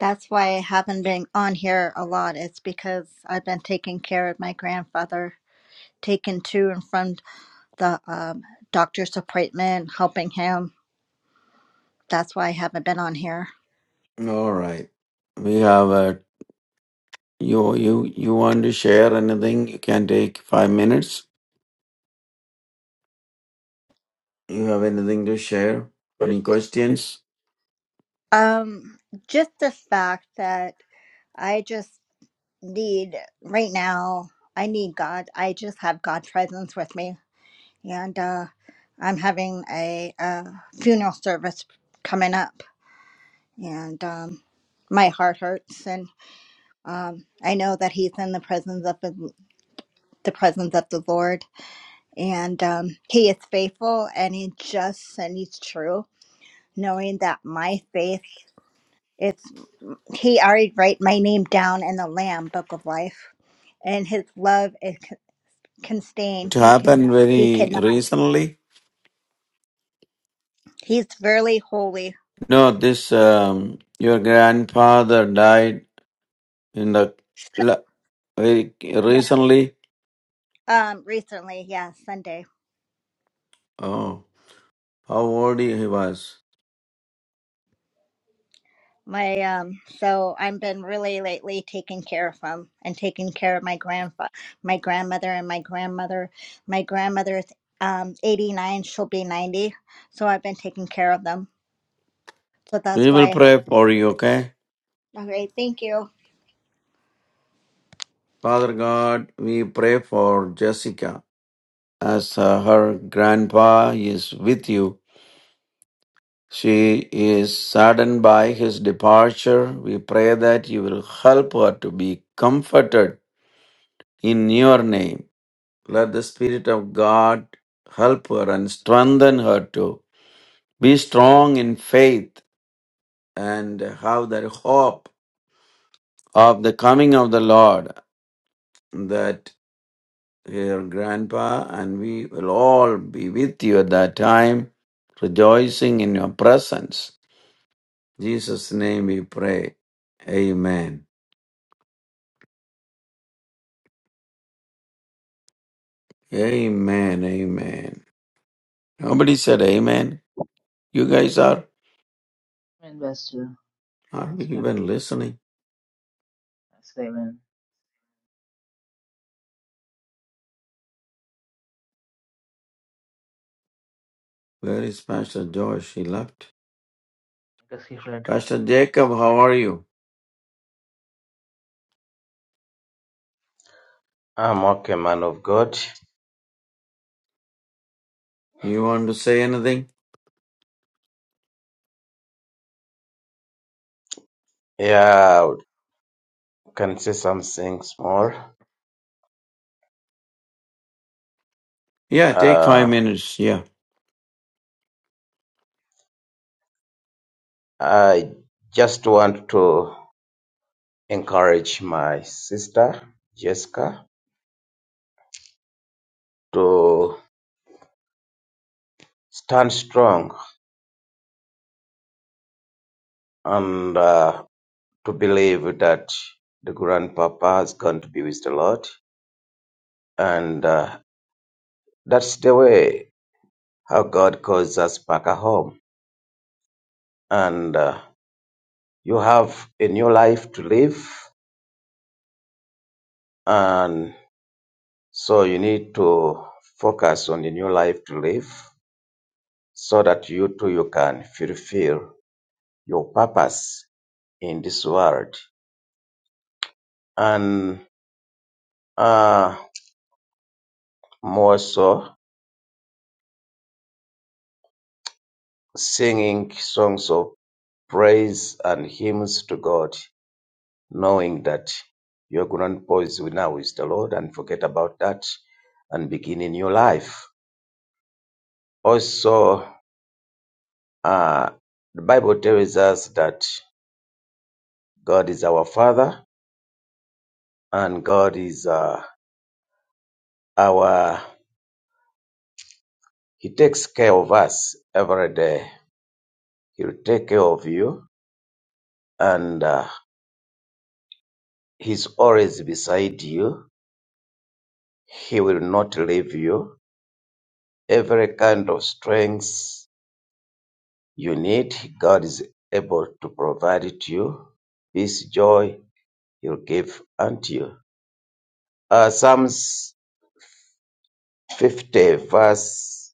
Speaker 5: That's why I haven't been on here a lot. It's because I've been taking care of my grandfather, taking to and from the um, doctor's appointment, helping him. That's why I haven't been on here.
Speaker 4: All right. We have a you you you want to share anything? You can take five minutes. You have anything to share? Any questions?
Speaker 5: Um, just the fact that I just need right now, I need God. I just have God presence with me. And uh I'm having a uh funeral service coming up and um my heart hurts and um I know that he's in the presence of the, the presence of the Lord and um he is faithful and he's just and he's true, knowing that my faith its He already write my name down in the Lamb Book of Life, and His love is c- constrained.
Speaker 4: It happened
Speaker 5: He
Speaker 4: very
Speaker 5: cannot.
Speaker 4: recently.
Speaker 5: He's really holy.
Speaker 4: No, this um, your grandfather died in the la- very
Speaker 5: Yeah.
Speaker 4: recently.
Speaker 5: Um. Recently, yeah, Sunday.
Speaker 4: Oh, how old he was?
Speaker 5: My um. So I've been really lately taking care of him and taking care of my grandfa, my grandmother, and my grandmother. My grandmother's um 89. She'll be 90. So I've been taking care of them. So that's
Speaker 4: We
Speaker 5: why.
Speaker 4: will
Speaker 5: I
Speaker 4: pray for you, okay?
Speaker 5: have, okay. Thank you.
Speaker 4: Father God, we pray for Jessica as uh, her grandpa is with you. She is saddened by his departure. We pray that you will help her to be comforted in your name. Let the Spirit of God help her and strengthen her to be strong in faith and have the hope of the coming of the Lord that her grandpa and we will all be with you at that time, rejoicing in your presence. In Jesus' name we pray. Amen. Amen. Amen. Nobody said amen. You guys are,
Speaker 1: Amen, Pastor.
Speaker 4: are you
Speaker 1: Yeah.
Speaker 4: even listening?
Speaker 1: That's it, amen.
Speaker 4: Where is Pastor Josh? He left.
Speaker 1: Because he read
Speaker 4: Pastor Jacob, how are you?
Speaker 6: I'm okay, man of God.
Speaker 4: You want to say anything?
Speaker 6: Yeah, I can say some things more.
Speaker 4: Yeah, take five
Speaker 6: Uh,
Speaker 4: minutes. Yeah.
Speaker 6: I just want to encourage my sister, Jessica, to stand strong and uh, to believe that the grandpapa is going to be with the Lord. And uh, that's the way how God calls us back at home. And uh, you have a new life to live. and. So you need to focus on the new life to live so that you too you can fulfill your purpose in this world. And uh, more so, singing songs of praise and hymns to God, knowing that your grandpa is with- now is the Lord and forget about that and begin a new life. Also, uh, the Bible tells us that God is our Father and God is uh, our He takes care of us every day. He'll take care of you, and uh, He's always beside you. He will not leave you. Every kind of strength you need, God is able to provide it to you. Peace, joy, He'll give unto you. Uh, Psalms 50, verse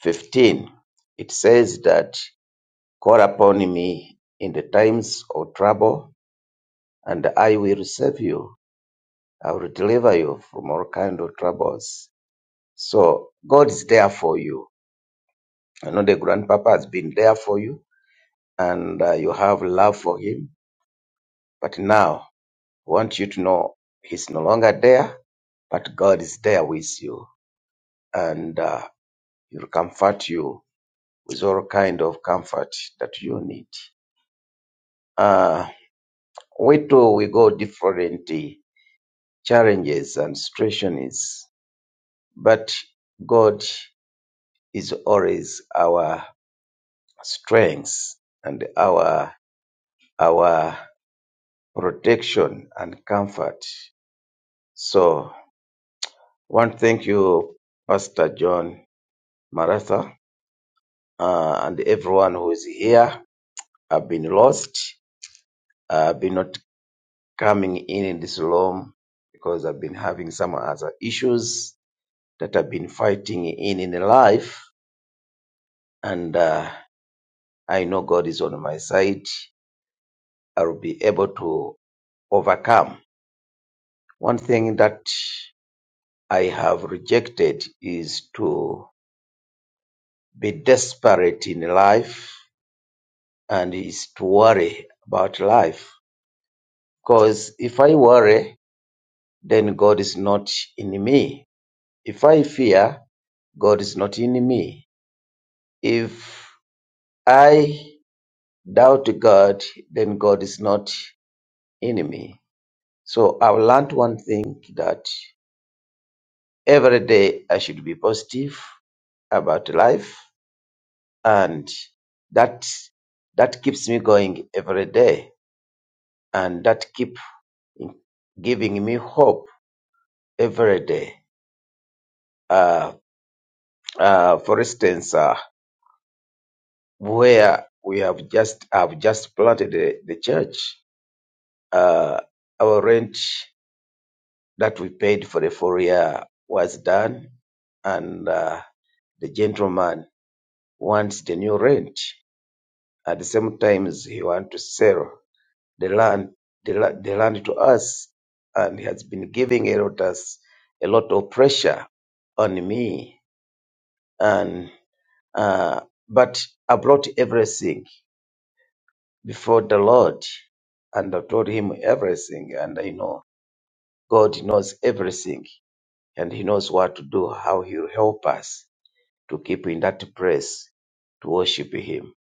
Speaker 6: 15, it says that, Call upon me in the times of trouble and I will save you. I will deliver you from all kind of troubles. So God is there for you. I know the grandpapa has been there for you and uh, you have love for him. But now I want you to know he's no longer there, but God is there with you and uh, he'll comfort you with all kind of comfort that you need. Uh, we too, we go different uh, challenges and situations, but God is always our strength and our our protection and comfort. So I want to thank you, Pastor John Maratha, uh, and everyone who is here. I've been lost. I've been not coming in in this room because I've been having some other issues that I've been fighting in in life, and uh, I know God is on my side. I'll be able to overcome One thing that I have rejected is to be desperate in life and is to worry about life. Because if I worry, then God is not in me. If I fear, God is not in me. If I doubt God, then God is not in me. So I've learned one thing that every day I should be positive about life and that that keeps me going every day and that keep giving me hope every day uh, uh, for instance uh, where we have just have just planted the, the church uh, our rent that we paid for the four year was done and uh, the gentleman wants the new rent at the same time he want to sell the land the, la- the land to us and he has been giving a lot us a lot of pressure on me and uh, but I brought everything before the Lord and I told him everything and I know God knows everything and he knows what to do how he will help us to keep in that place to worship him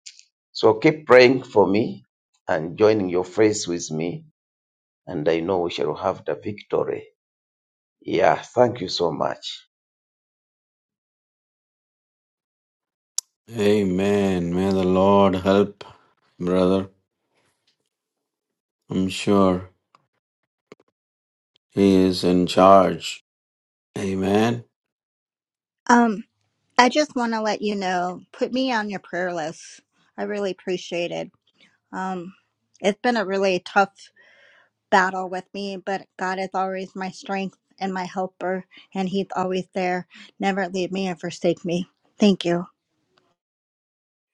Speaker 6: so keep praying for me and joining your faith with me and I know we shall have the victory Yeah, thank you so much.
Speaker 4: Amen. May the Lord help, brother. I'm sure He is in charge. Amen.
Speaker 5: Um. I just want to let you know, put me on your prayer list. I really appreciate it. Um, it's been a really tough battle with me, but God is always my strength and my helper, and He's always there. Never leave me and forsake me. Thank you.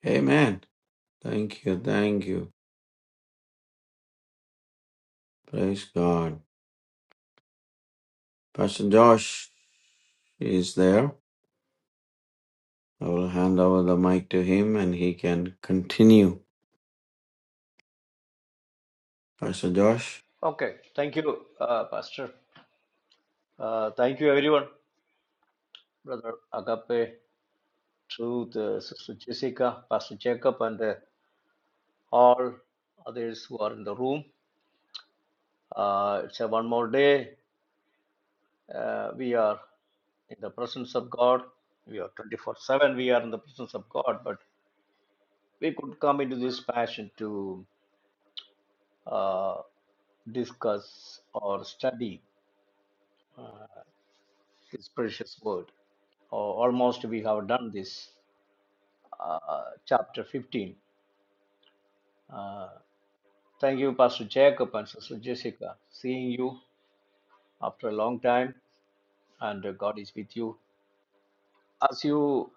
Speaker 4: Amen. Thank you. Thank you. Praise God. Pastor Josh is there. I will hand over the mic to him and he can continue. Pastor Josh.
Speaker 2: Okay, thank you, uh, Pastor. Uh, thank you, everyone. Brother Agape, Truth, uh, Sister Jessica, Pastor Jacob, and uh, all others who are in the room. Uh, it's a one more day. uh, we are in the presence of God. We are 24 7, we are in the presence of God, but we could come into this passion to uh, discuss or study this precious word. Al- almost we have done this, uh, chapter 15. Uh, thank you, Pastor Jacob and Sister Jessica, seeing you after a long time, and uh, God is with you. As you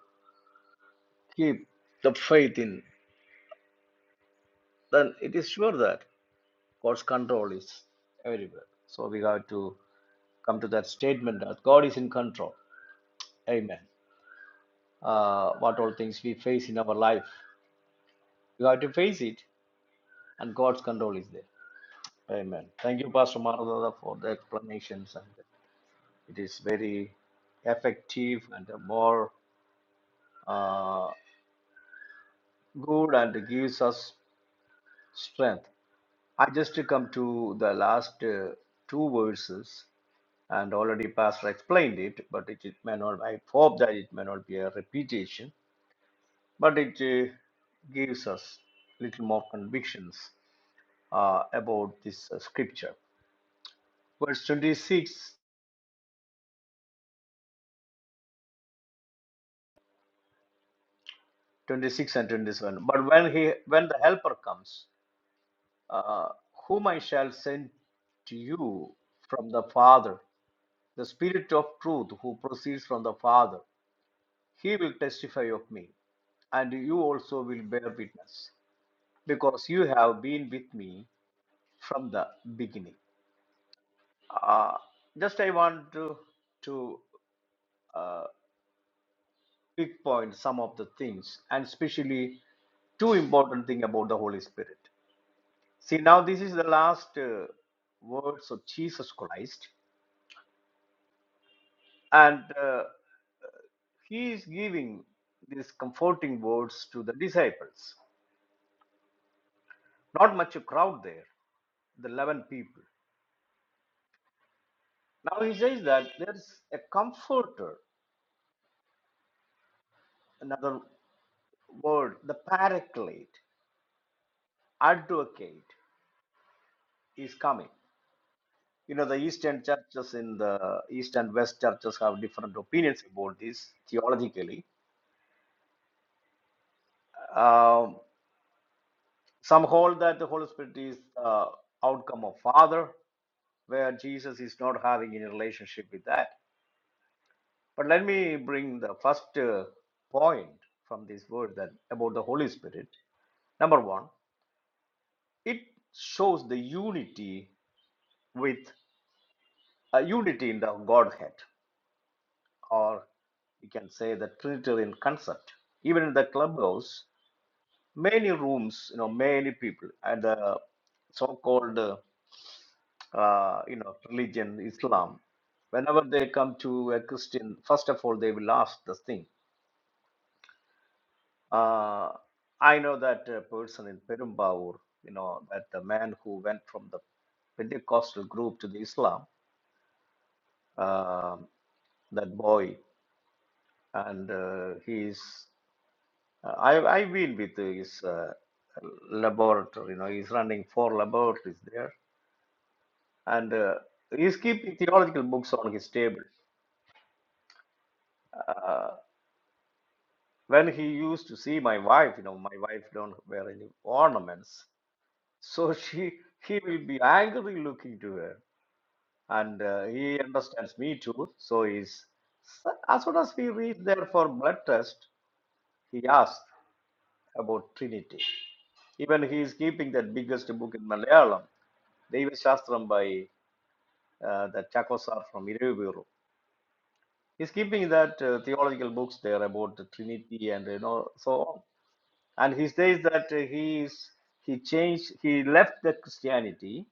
Speaker 2: keep the faith in, then it is sure that. God's control is everywhere. So we have to come to that statement that God is in control. Amen. Uh, what all things we face in our life, we have to face it, and God's control is there. Amen. Thank you, Pastor Maranatha, for the explanations, and it is very effective and more uh, good and gives us strength. I just come to the last uh, two verses and already pastor explained it but it, it may not i hope that it may not be a repetition but it uh, gives us little more convictions uh, about this uh, scripture verse 26 26 and 27 but when he when the helper comes uh, whom i shall send to you from the father the spirit of truth who proceeds from the father he will testify of me and you also will bear witness because you have been with me from the beginning. Uh, just I want to to uh, pick point some of the things, and especially two important thing about the Holy Spirit. See, now this is the last uh, words of Jesus Christ, and uh, he is giving these comforting words to the disciples. Not much a crowd there, the eleven people. Now he says that there is a comforter another word, the paraclete, advocate is coming. You know, the Eastern churches in the East and West churches have different opinions about this theologically. Um, some hold that the Holy Spirit is the outcome of Father, where Jesus is not having any relationship with that. But let me bring the first uh, point from this word that about the Holy Spirit. Number one, it shows the unity with a unity in the Godhead, or we can say the Trinitarian concept. Even in the clubhouse, many rooms, you know, many people, and the so-called, uh, uh, you know, religion Islam. Whenever they come to a Christian, first of all, they will ask this thing. Uh, I know that uh, person in Perumbaur, you know, that the man who went from the Pentecostal group to the Islam, um, that boy and uh, he is Uh, I I've been with his uh, laboratory. You know, he's running four laboratories there, and uh, he's keeping theological books on his table. Uh, when he used to see my wife, you know, my wife don't wear any ornaments, so she he will be angry looking to her, and uh, he understands me too. So he's so- as soon as we reach there for blood test, he asks about Trinity. Even he is keeping that biggest book in Malayalam Deva Shastram by uh, the Chakosar from Iruvuru. He's keeping that uh, theological books there about the Trinity and you know so on. And he says that uh, he is he changed he left the Christianity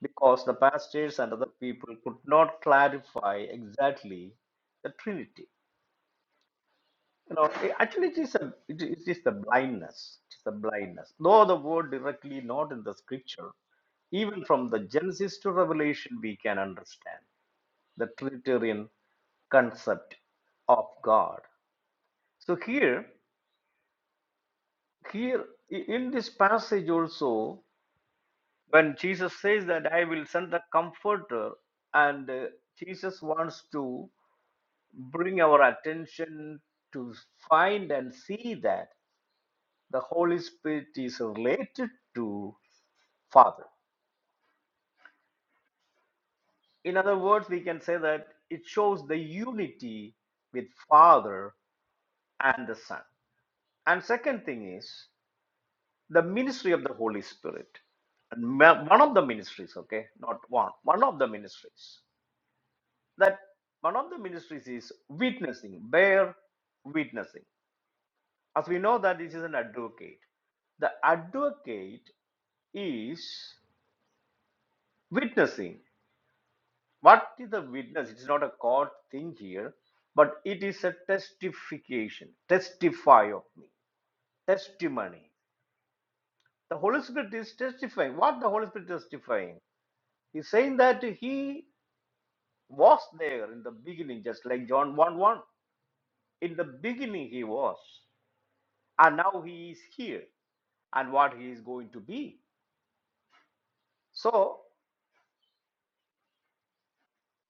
Speaker 2: because the pastors and other people could not clarify exactly the Trinity. You know, it- actually, it is a it is it is the blindness. It is the blindness. Though the word directly not in the scripture, even from the Genesis to Revelation, we can understand the Trinitarian concept of God. So here, here in this passage also, when Jesus says that I will send the Comforter, and uh, Jesus wants to bring our attention to find and see that the Holy Spirit is related to Father. In other words, we can say that it shows the unity with Father and the Son. And second thing is the ministry of the Holy Spirit. And one of the ministries, okay, not one, one of the ministries. That one of the ministries is witnessing, bear witnessing. As we know that this is an advocate. The advocate is witnessing. What is the witness? It's not a court thing here, but it is a testification. Testify of me. Testimony. The Holy Spirit is testifying. What the Holy Spirit is testifying? He's saying that he was there in the beginning, just like John 1 1. In the beginning, he was, and now he is here, and what he is going to be. So,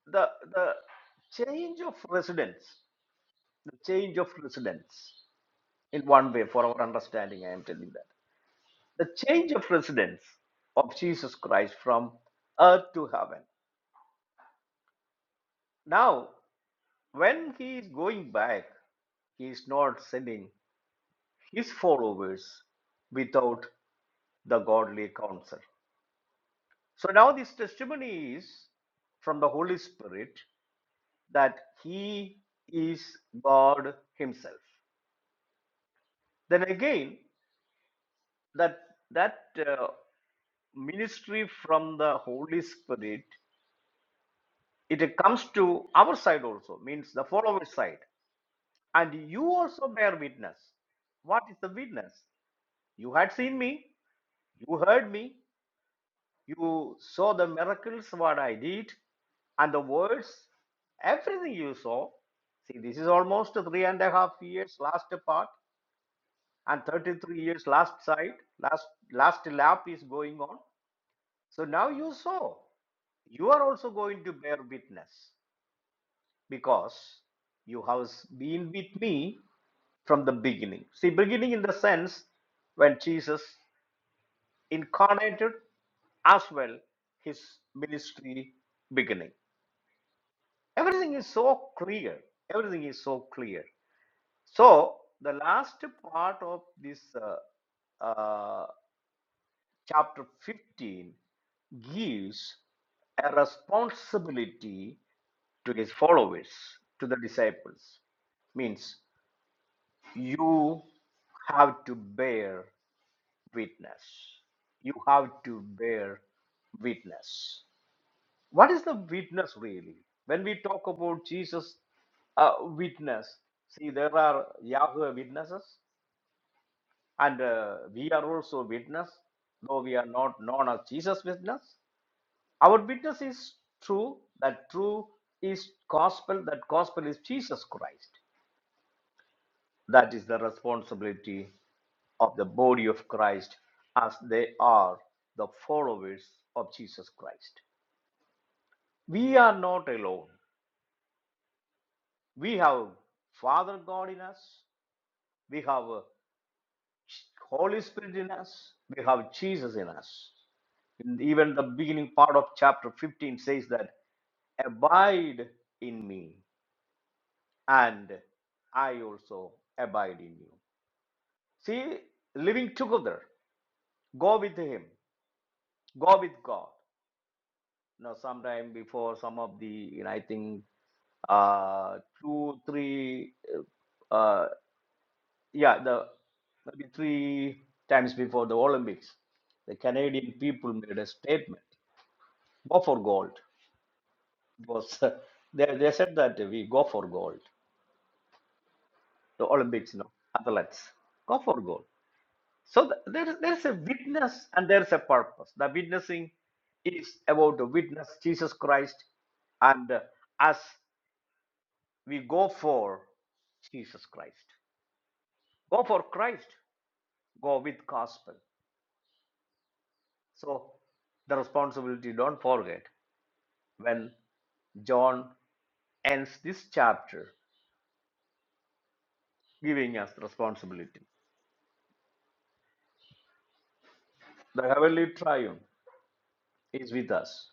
Speaker 2: the, the change of residence, the change of residence, in one way, for our understanding, I am telling that. The change of residence of Jesus Christ from earth to heaven. Now, when he is going back, he is not sending his followers without the godly counsel. So now this testimony is from the Holy Spirit that He is God Himself. Then again, that that uh, ministry from the Holy Spirit it comes to our side also, means the follower side, and you also bear witness. What is the witness? You had seen me, you heard me, You saw the miracles what I did and the words, everything you saw. See, this is almost three and a half years last part and 33 years last side, last last lap is going on. So now you saw. You are also going to bear witness because you have been with me from the beginning. See, beginning in the sense when Jesus incarnated as well his ministry beginning. Everything is so clear. Everything is so clear. So, the last part of this uh, uh, chapter 15 gives a responsibility to his followers, to the disciples. Means you have to bear witness. You have to bear witness. What is the witness really? When we talk about Jesus' uh, witness, see, there are Yahweh witnesses, and uh, we are also witness, though we are not known as Jesus' witness. Our witness is true, that true is gospel, that gospel is Jesus Christ. That is the responsibility of the body of Christ as they are the followers of Jesus Christ. We are not alone. We have Father God in us. We have uh, Holy Spirit in us. We have Jesus in us. And even the beginning part of chapter 15 says that abide in me and I also abide in you. See, living together, go with Him, go with God. Now, sometime before some of the, you know, I think uh, two, three uh. uh, yeah, the maybe three times before the Olympics, the Canadian people made a statement: "Go for gold." It was they they said that we go for gold. The Olympics, you know, athletes go for gold. So th- there is there is a witness and there is a purpose. The witnessing is about to witness Jesus Christ, and uh, as we go for Jesus Christ, go for Christ, go with gospel. So the responsibility, don't forget, when John ends this chapter, giving us responsibility. The heavenly triune is with us.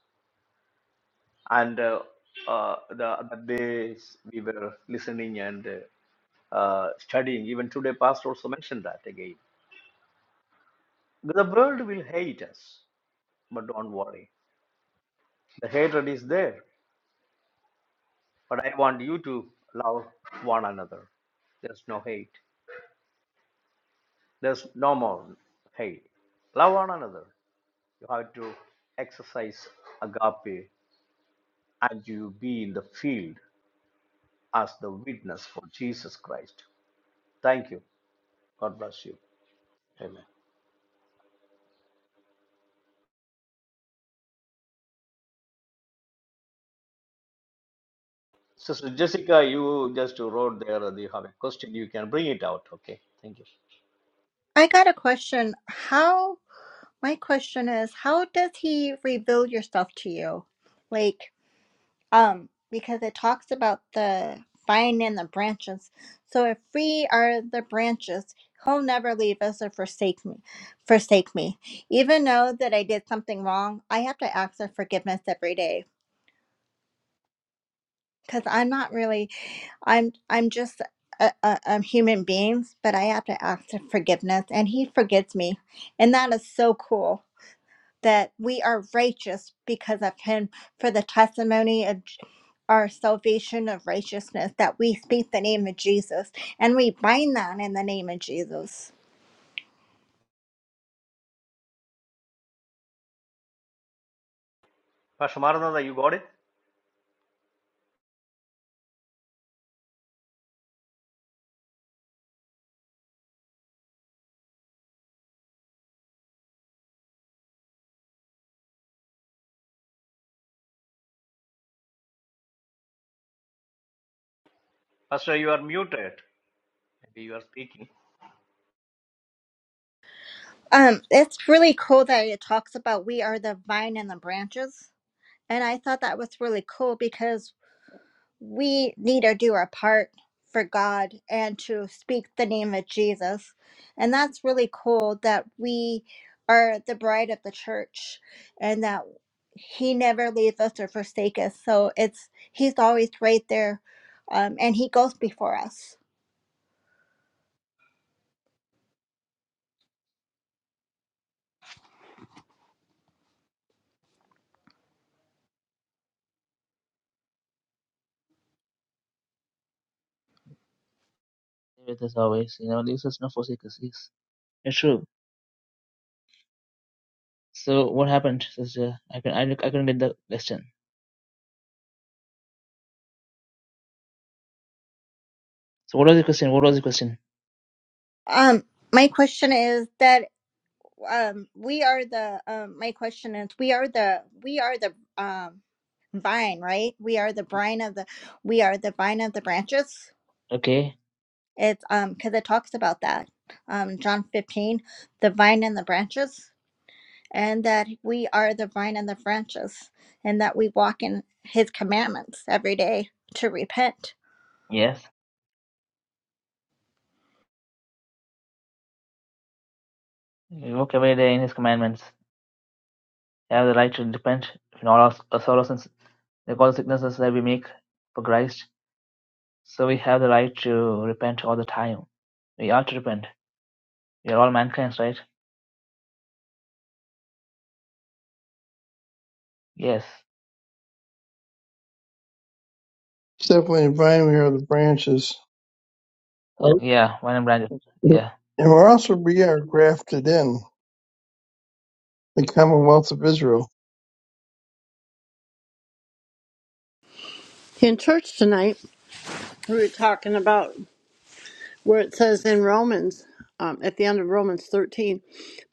Speaker 2: And uh, uh, the other days we were listening and uh, uh, studying, even today, Pastor also mentioned that again. The world will hate us, but don't worry. The hatred is there, but I want you to love one another. There's no hate There's no more hate. Love one another. You have to exercise agape and you be in the field as the witness for Jesus Christ. Thank you. God bless you. Amen. Sister Jessica, you just wrote there that you have a question. You can bring it out. Okay. Thank you.
Speaker 5: I got a question. How, my question is, how does He reveal yourself to you? like? um because it talks about the vine and the branches so if we are the branches he'll never leave us or forsake me forsake me even though that i did something wrong i have to ask for forgiveness every day because i'm not really i'm i'm just a, a, a human beings but i have to ask for forgiveness and he forgives me and that is so cool that we are righteous because of him for the testimony of J- our salvation of righteousness that we speak the name of jesus and we bind that in the name of jesus
Speaker 2: Pastor Maranatha, you got it? Pastor, you are muted. Maybe you are speaking.
Speaker 5: um it's really cool that it talks about we are the vine and the branches and i thought that was really cool because we need to do our part for God and to speak the name of Jesus. And that's really cool that we are the bride of the church and that he never leaves us or forsake us. So it's he's always right there um, and he goes before us.
Speaker 1: with us always. You know, leaves us not forsake us. Yes. It's true. So what happened, sister? I can I, I couldn't get the question. So what was the question? What was the question?
Speaker 5: Um, my question is that um, we are the um, my question is we are the we are the um, vine, right? We are the brine of the we are the vine of the branches
Speaker 1: Okay.
Speaker 5: It's um because it talks about that. Um John 15, the vine and the branches, and that we are the vine and the branches, and that we walk in his commandments every day to repent.
Speaker 1: Yes. We walk every day in his commandments. We have the right to repent in all our, our sorrows and s- like all the sicknesses that we make for Christ. So we have the right to repent all the time. We are to repent. We are all mankind, right? Yes.
Speaker 7: It's definitely vine we are the branches. Oh.
Speaker 1: Yeah. When I'm branded. Yeah.
Speaker 7: And we're also we are grafted in the Commonwealth of Israel.
Speaker 8: In church tonight, we were talking about where it says in Romans, um, at the end of Romans 13,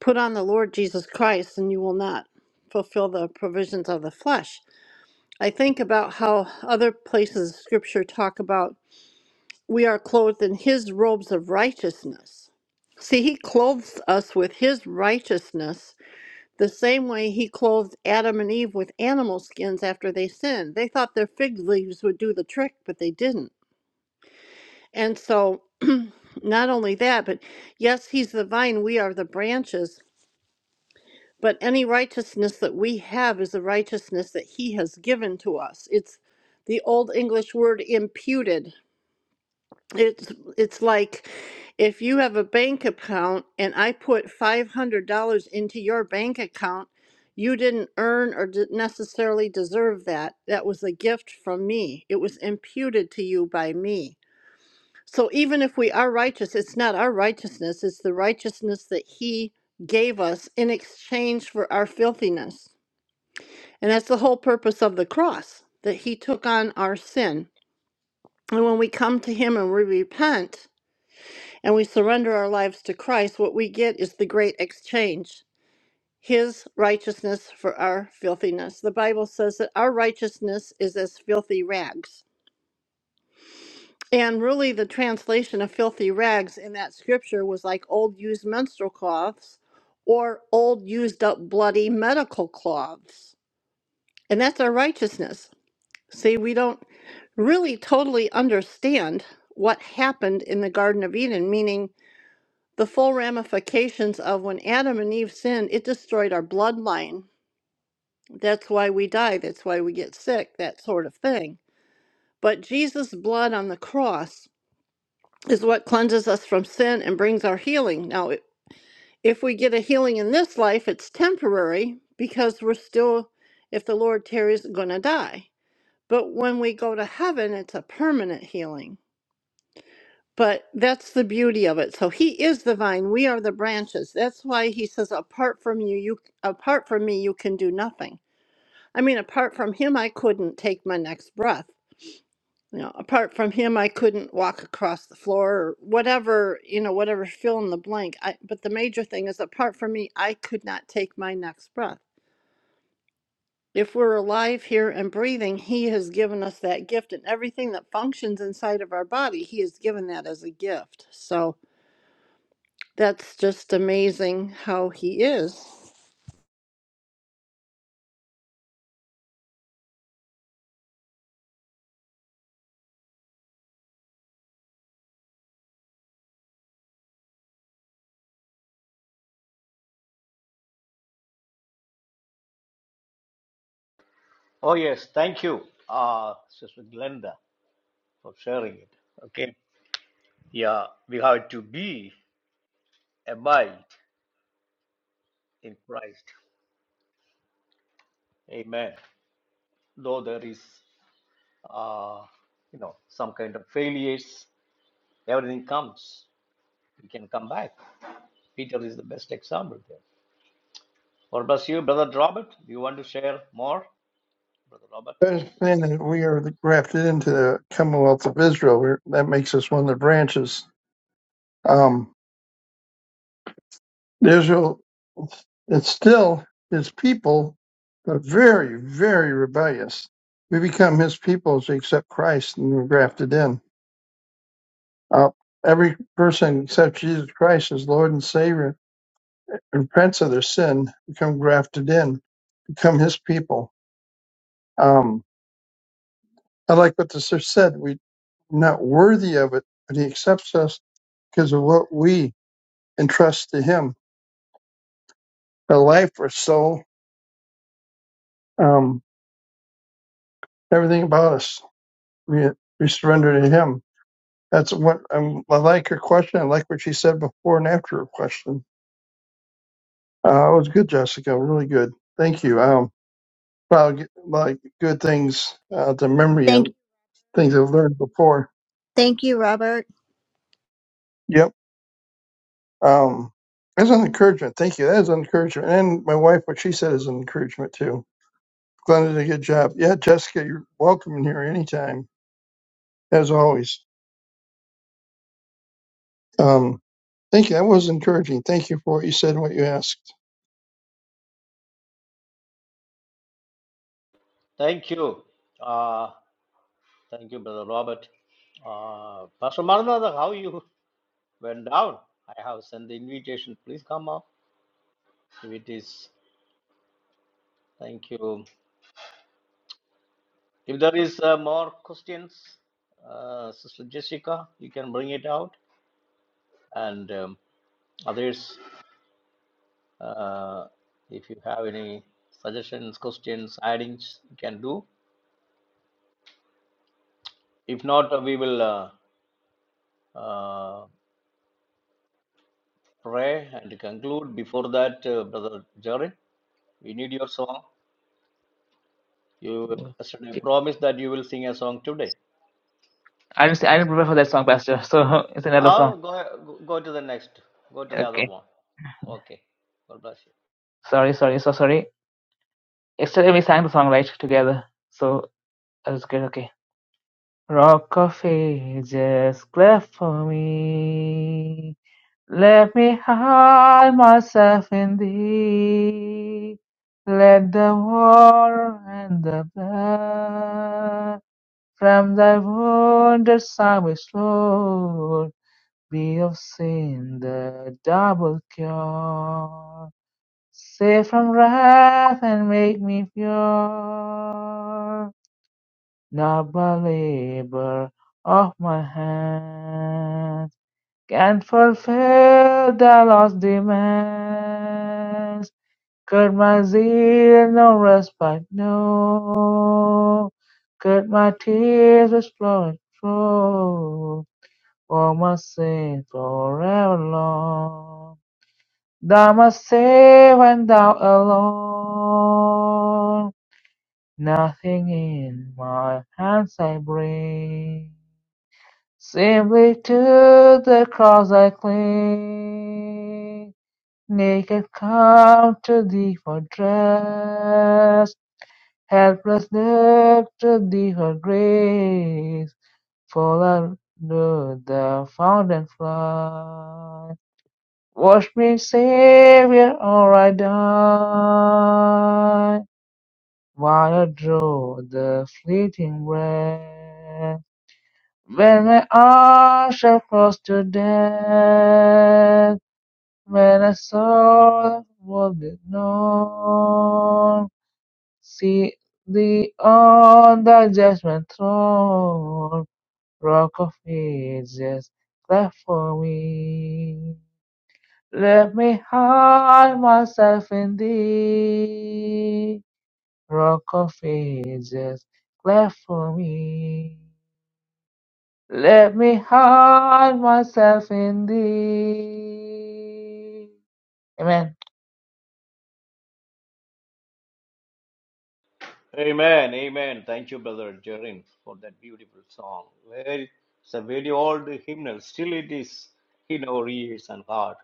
Speaker 8: put on the Lord Jesus Christ and you will not fulfill the provisions of the flesh. I think about how other places of scripture talk about we are clothed in his robes of righteousness. See, he clothes us with his righteousness the same way he clothed Adam and Eve with animal skins after they sinned. They thought their fig leaves would do the trick, but they didn't. And so Not only that, but yes, he's the vine, we are the branches. But any righteousness that we have is the righteousness that he has given to us. It's the old English word imputed. It's it's like if you have a bank account and I put $500 into your bank account, you didn't earn or de- necessarily deserve that. That was a gift from me. It was imputed to you by me so even if we are righteous, it's not our righteousness, it's the righteousness that He gave us in exchange for our filthiness. And that's the whole purpose of the cross, that He took on our sin. And when we come to Him and we repent and we surrender our lives to Christ, what we get is the great exchange. His righteousness for our filthiness. The Bible says that our righteousness is as filthy rags. And really, the translation of filthy rags in that scripture was like old used menstrual cloths or old used up bloody medical cloths. And that's our righteousness. See, we don't really totally understand what happened in the Garden of Eden, meaning the full ramifications of when Adam and Eve sinned, it destroyed our bloodline. That's why we die. That's why we get sick, that sort of thing. But Jesus' blood on the cross is what cleanses us from sin and brings our healing. Now, if we get a healing in this life, it's temporary because we're still, if the Lord tarries, going to die. But when we go to heaven, it's a permanent healing. But that's the beauty of it. So He is the vine; we are the branches. That's why He says, "Apart from you, you apart from me, you can do nothing." I mean, apart from Him, I couldn't take my next breath. you know, apart from him, I couldn't walk across the floor or whatever, you know, whatever fill in the blank. I, but the major thing is, apart from me, I could not take my next breath. If we're alive here and breathing, He has given us that gift, and everything that functions inside of our body, He has given that as a gift. So that's just amazing how He is.
Speaker 2: Oh, yes. Thank you, uh, Sister Glenda, for sharing it. Okay. Yeah, we have to be, a abide. in Christ. Amen. Though there is, uh, you know, some kind of failures, everything comes. We can come back. Peter is the best example there. God bless you, Brother Robert. Do you want to share more, Brother Robert?
Speaker 7: Understand that we are grafted into the Commonwealth of Israel. We're, that makes us one of the branches. Um, Israel, it's still his people, but very, very rebellious. We become his people as we accept Christ and we're grafted in. Uh, every person except Jesus Christ as Lord and Savior, and repents of their sin, become grafted in. become his people. Um, I like what the sister said. We're not worthy of it, but he accepts us because of what we entrust to him. Our life, our soul, um, everything about us, we, we surrender to him. That's what um, I like her question. I like what she said before and after her question. Uh, it was good, Jessica. Really good. Thank you. Um, probably get, like good things uh, to memory
Speaker 5: Thank
Speaker 7: and things I've learned before.
Speaker 5: thank you, Robert.
Speaker 7: Yep. Um, that's an encouragement. Thank you. That is an encouragement. And my wife, what she said is an encouragement too. Glenn did a good job. Yeah, Jessica, you're welcome in here anytime, as always. Um, thank you. That was encouraging. Thank you for what you said and what you asked.
Speaker 2: Thank you. Uh, thank you, Brother Robert. Uh, Pastor Maranatha, how you went down? I have sent the invitation. Please come up if it is. Thank you. If there is uh, more questions, uh, Sister Jessica, you can bring it out. And um, others, uh, if you have any suggestions, questions, addings, you can do. If not, uh, we will uh, uh, pray and conclude. Before that, uh, Brother Jared, we need your song. You yesterday
Speaker 1: Okay.
Speaker 2: promised that you will sing a song today.
Speaker 1: I didn't I didn't prepare for that song, Pastor. So it's another song.
Speaker 2: Oh, go, go to the next. Go to the other
Speaker 1: Okay.
Speaker 2: one. Okay. God bless you.
Speaker 1: Sorry, sorry, so sorry. Yesterday we sang the song right together. So I was good. Okay. Rock of ages, cleft for me. Let me hide myself in thee. Let the water and the blood from thy wondrous service, Lord, be of sin the double cure. Save from wrath and make me pure. Not by labor of my hands can fulfill the Lord's demands. Could my zeal no respite know? Could my tears which flowing flow for my sin forever long? Thou must save and thou alone. Nothing in my hands I bring. Simply to the cross I cling, naked come to thee for dress, helpless look to thee for grace, fall under the fountain fly. Wash me, Savior, or I die, while I draw the fleeting breath. When my eyes shall close to death, when I soul will be known, see thee on the judgment throne, rock of ages, clap for me. Let me hide myself in thee, rock of ages, clap for me. Let me hide myself in thee. Amen.
Speaker 2: Amen, amen. Thank you, Brother Jerin, for that beautiful song. Very, it's a very old hymnal. Still, it is in our ears and heart.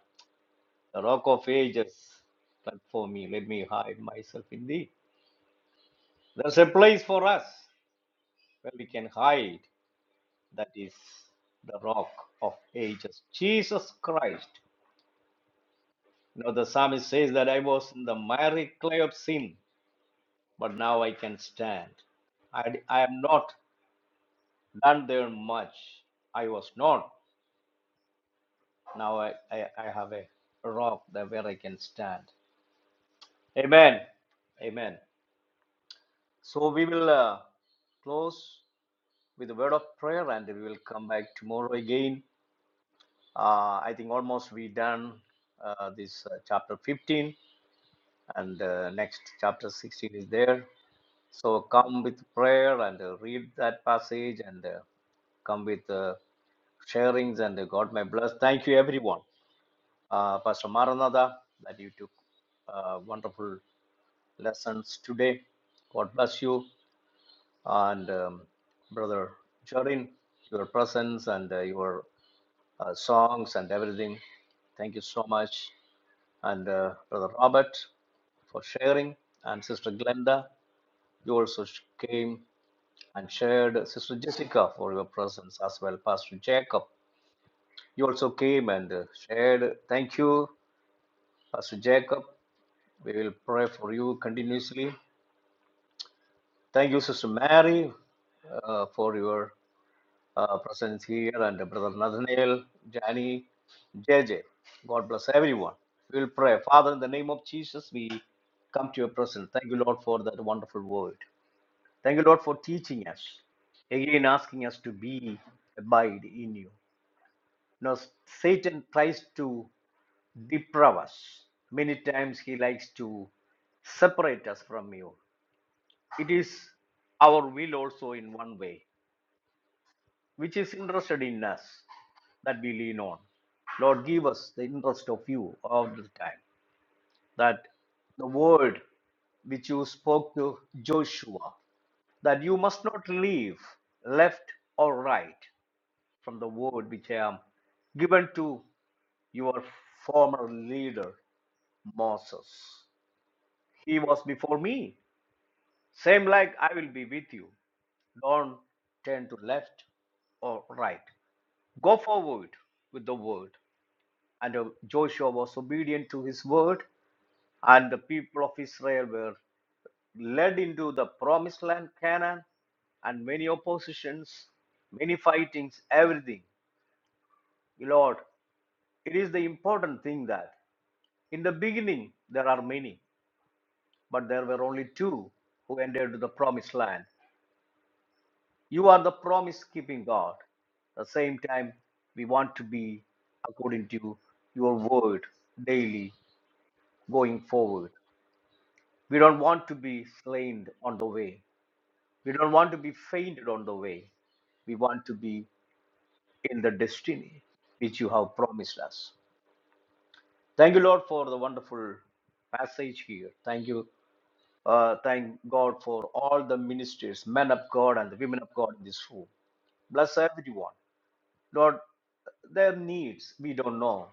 Speaker 2: The rock of ages, but for me, let me hide myself in thee. There's a place for us where we can hide. That is the rock of ages, Jesus Christ. You know, the psalmist says that I was in the miry clay of sin, but now I can stand. I, I am not Done there much. I was not. Now I, I, I have a rock that where I can stand. Amen. Amen. So we will uh, close with a word of prayer and we will come back tomorrow again. Uh, I think almost we done uh, this uh, chapter 15 and uh, next chapter 16 is there. So come with prayer and uh, read that passage and uh, come with uh, sharings and uh, God may bless. Thank you everyone. uh, Pastor Maranatha, that you took uh, wonderful lessons today. God bless you. And um, Brother Jorin, your presence and uh, your uh, songs and everything. Thank you so much. And uh, Brother Robert for sharing. And Sister Glenda, you also came and shared. Sister Jessica for your presence as well. Pastor Jacob, you also came and uh, shared. Thank you, Pastor Jacob. We will pray for you continuously. Thank you, Sister Mary, uh, for your uh, presence here, and Brother Nathaniel, Jani, JJ. God bless everyone. We will pray. Father, in the name of Jesus, we come to your presence. Thank you, Lord, for that wonderful word. Thank you, Lord, for teaching us. Again, asking us to be, abide in you. Now, Satan tries to deprive us. Many times he likes to separate us from you. it is our will also in one way, which is interested in us that we lean on. Lord, give us the interest of you all the time, that the word which you spoke to Joshua, that you must not leave left or right from the word which I am given to your former leader, Moses. He was before me, same like I will be with you. Don't turn to left or right. Go forward with the word. And uh, Joshua was obedient to his word, and the people of Israel were led into the promised land, Canaan, and many oppositions, many fightings, everything. Lord, it is the important thing that in the beginning there are many, but there were only two who entered the promised land. You are the promise keeping God. At the same time, we want to be according to your word daily going forward. We don't want to be slain on the way. We don't want to be fainted on the way. We want to be in the destiny which you have promised us. Thank you, Lord, for the wonderful passage here. Thank you. Uh, thank God for all the ministers, men of God, and the women of God in this room. Bless everyone. Lord, their needs, we don't know.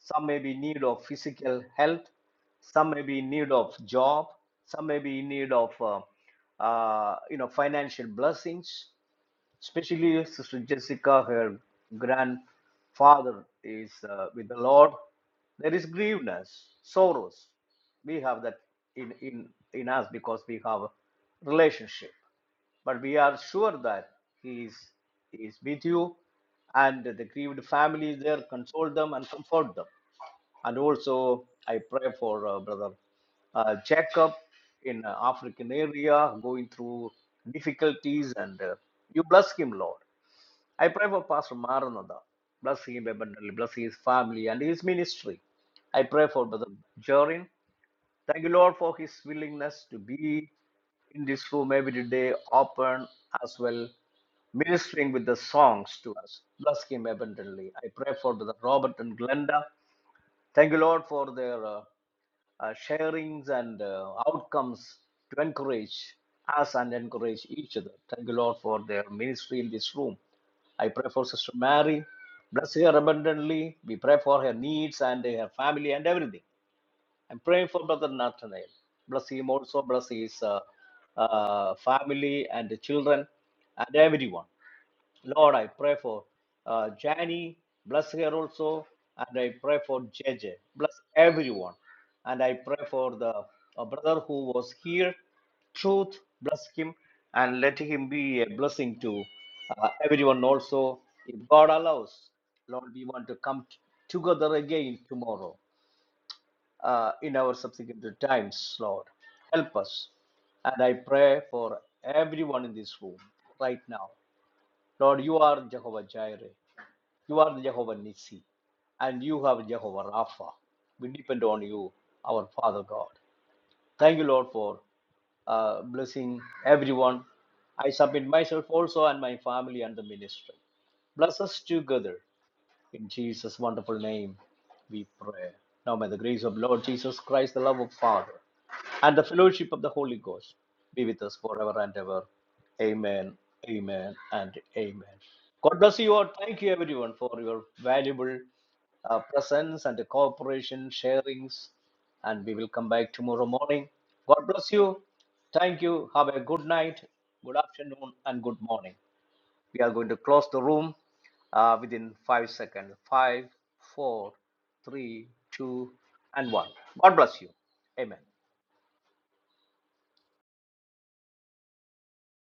Speaker 2: Some may be in need of physical health, some may be in need of job, some may be in need of uh, uh, you know financial blessings. Especially Sister Jessica, her grandfather is uh, with the Lord. There is grieveness, sorrows. We have that in in in us because we have a relationship. But we are sure that He is, he is with you, and the grieved family is there. Console them and comfort them. And also, I pray for uh, Brother uh, Jacob in uh, African area going through difficulties, and uh, you bless him, Lord. I pray for Pastor Maranatha. Bless him abundantly. Bless his family and his ministry. I pray for Brother Jorin. Thank you, Lord, for His willingness to be in this room every day, open as well, ministering with the songs to us. Bless Him abundantly. I pray for Brother Robert and Glenda. Thank you, Lord, for their uh, uh, sharings and uh, outcomes to encourage us and encourage each other. Thank you, Lord, for their ministry in this room. I pray for Sister Mary. Bless her abundantly. We pray for her needs and her family and everything. I'm praying for Brother Nathaniel. Bless him also, bless his uh, uh, family and the children and everyone. Lord, I pray for uh, Jani, bless her also, and I pray for J J. bless everyone. And I pray for the uh, brother who was here, truth, bless him, and let him be a blessing to uh, everyone also. If God allows, Lord, we want to come t- together again tomorrow uh, in our subsequent times, Lord. Help us. And I pray for everyone in this room right now. Lord, you are Jehovah Jireh. You are the Jehovah Nissi. And you have Jehovah Rapha. We depend on you, our Father God. Thank you, Lord, for uh, blessing everyone. I submit myself also and my family and the ministry. Bless us together in Jesus' wonderful name, we pray. Now may the grace of Lord Jesus Christ, the love of Father, and the fellowship of the Holy Ghost be with us forever and ever. Amen, amen, and amen. God bless you all. Thank you, everyone, for your valuable uh, presence and cooperation, sharings, and we will come back tomorrow morning. God bless you. Thank you. Have a good night, good afternoon, and good morning. We are going to close the room uh, within five seconds. Five, four, three, two, and one. God bless you. Amen.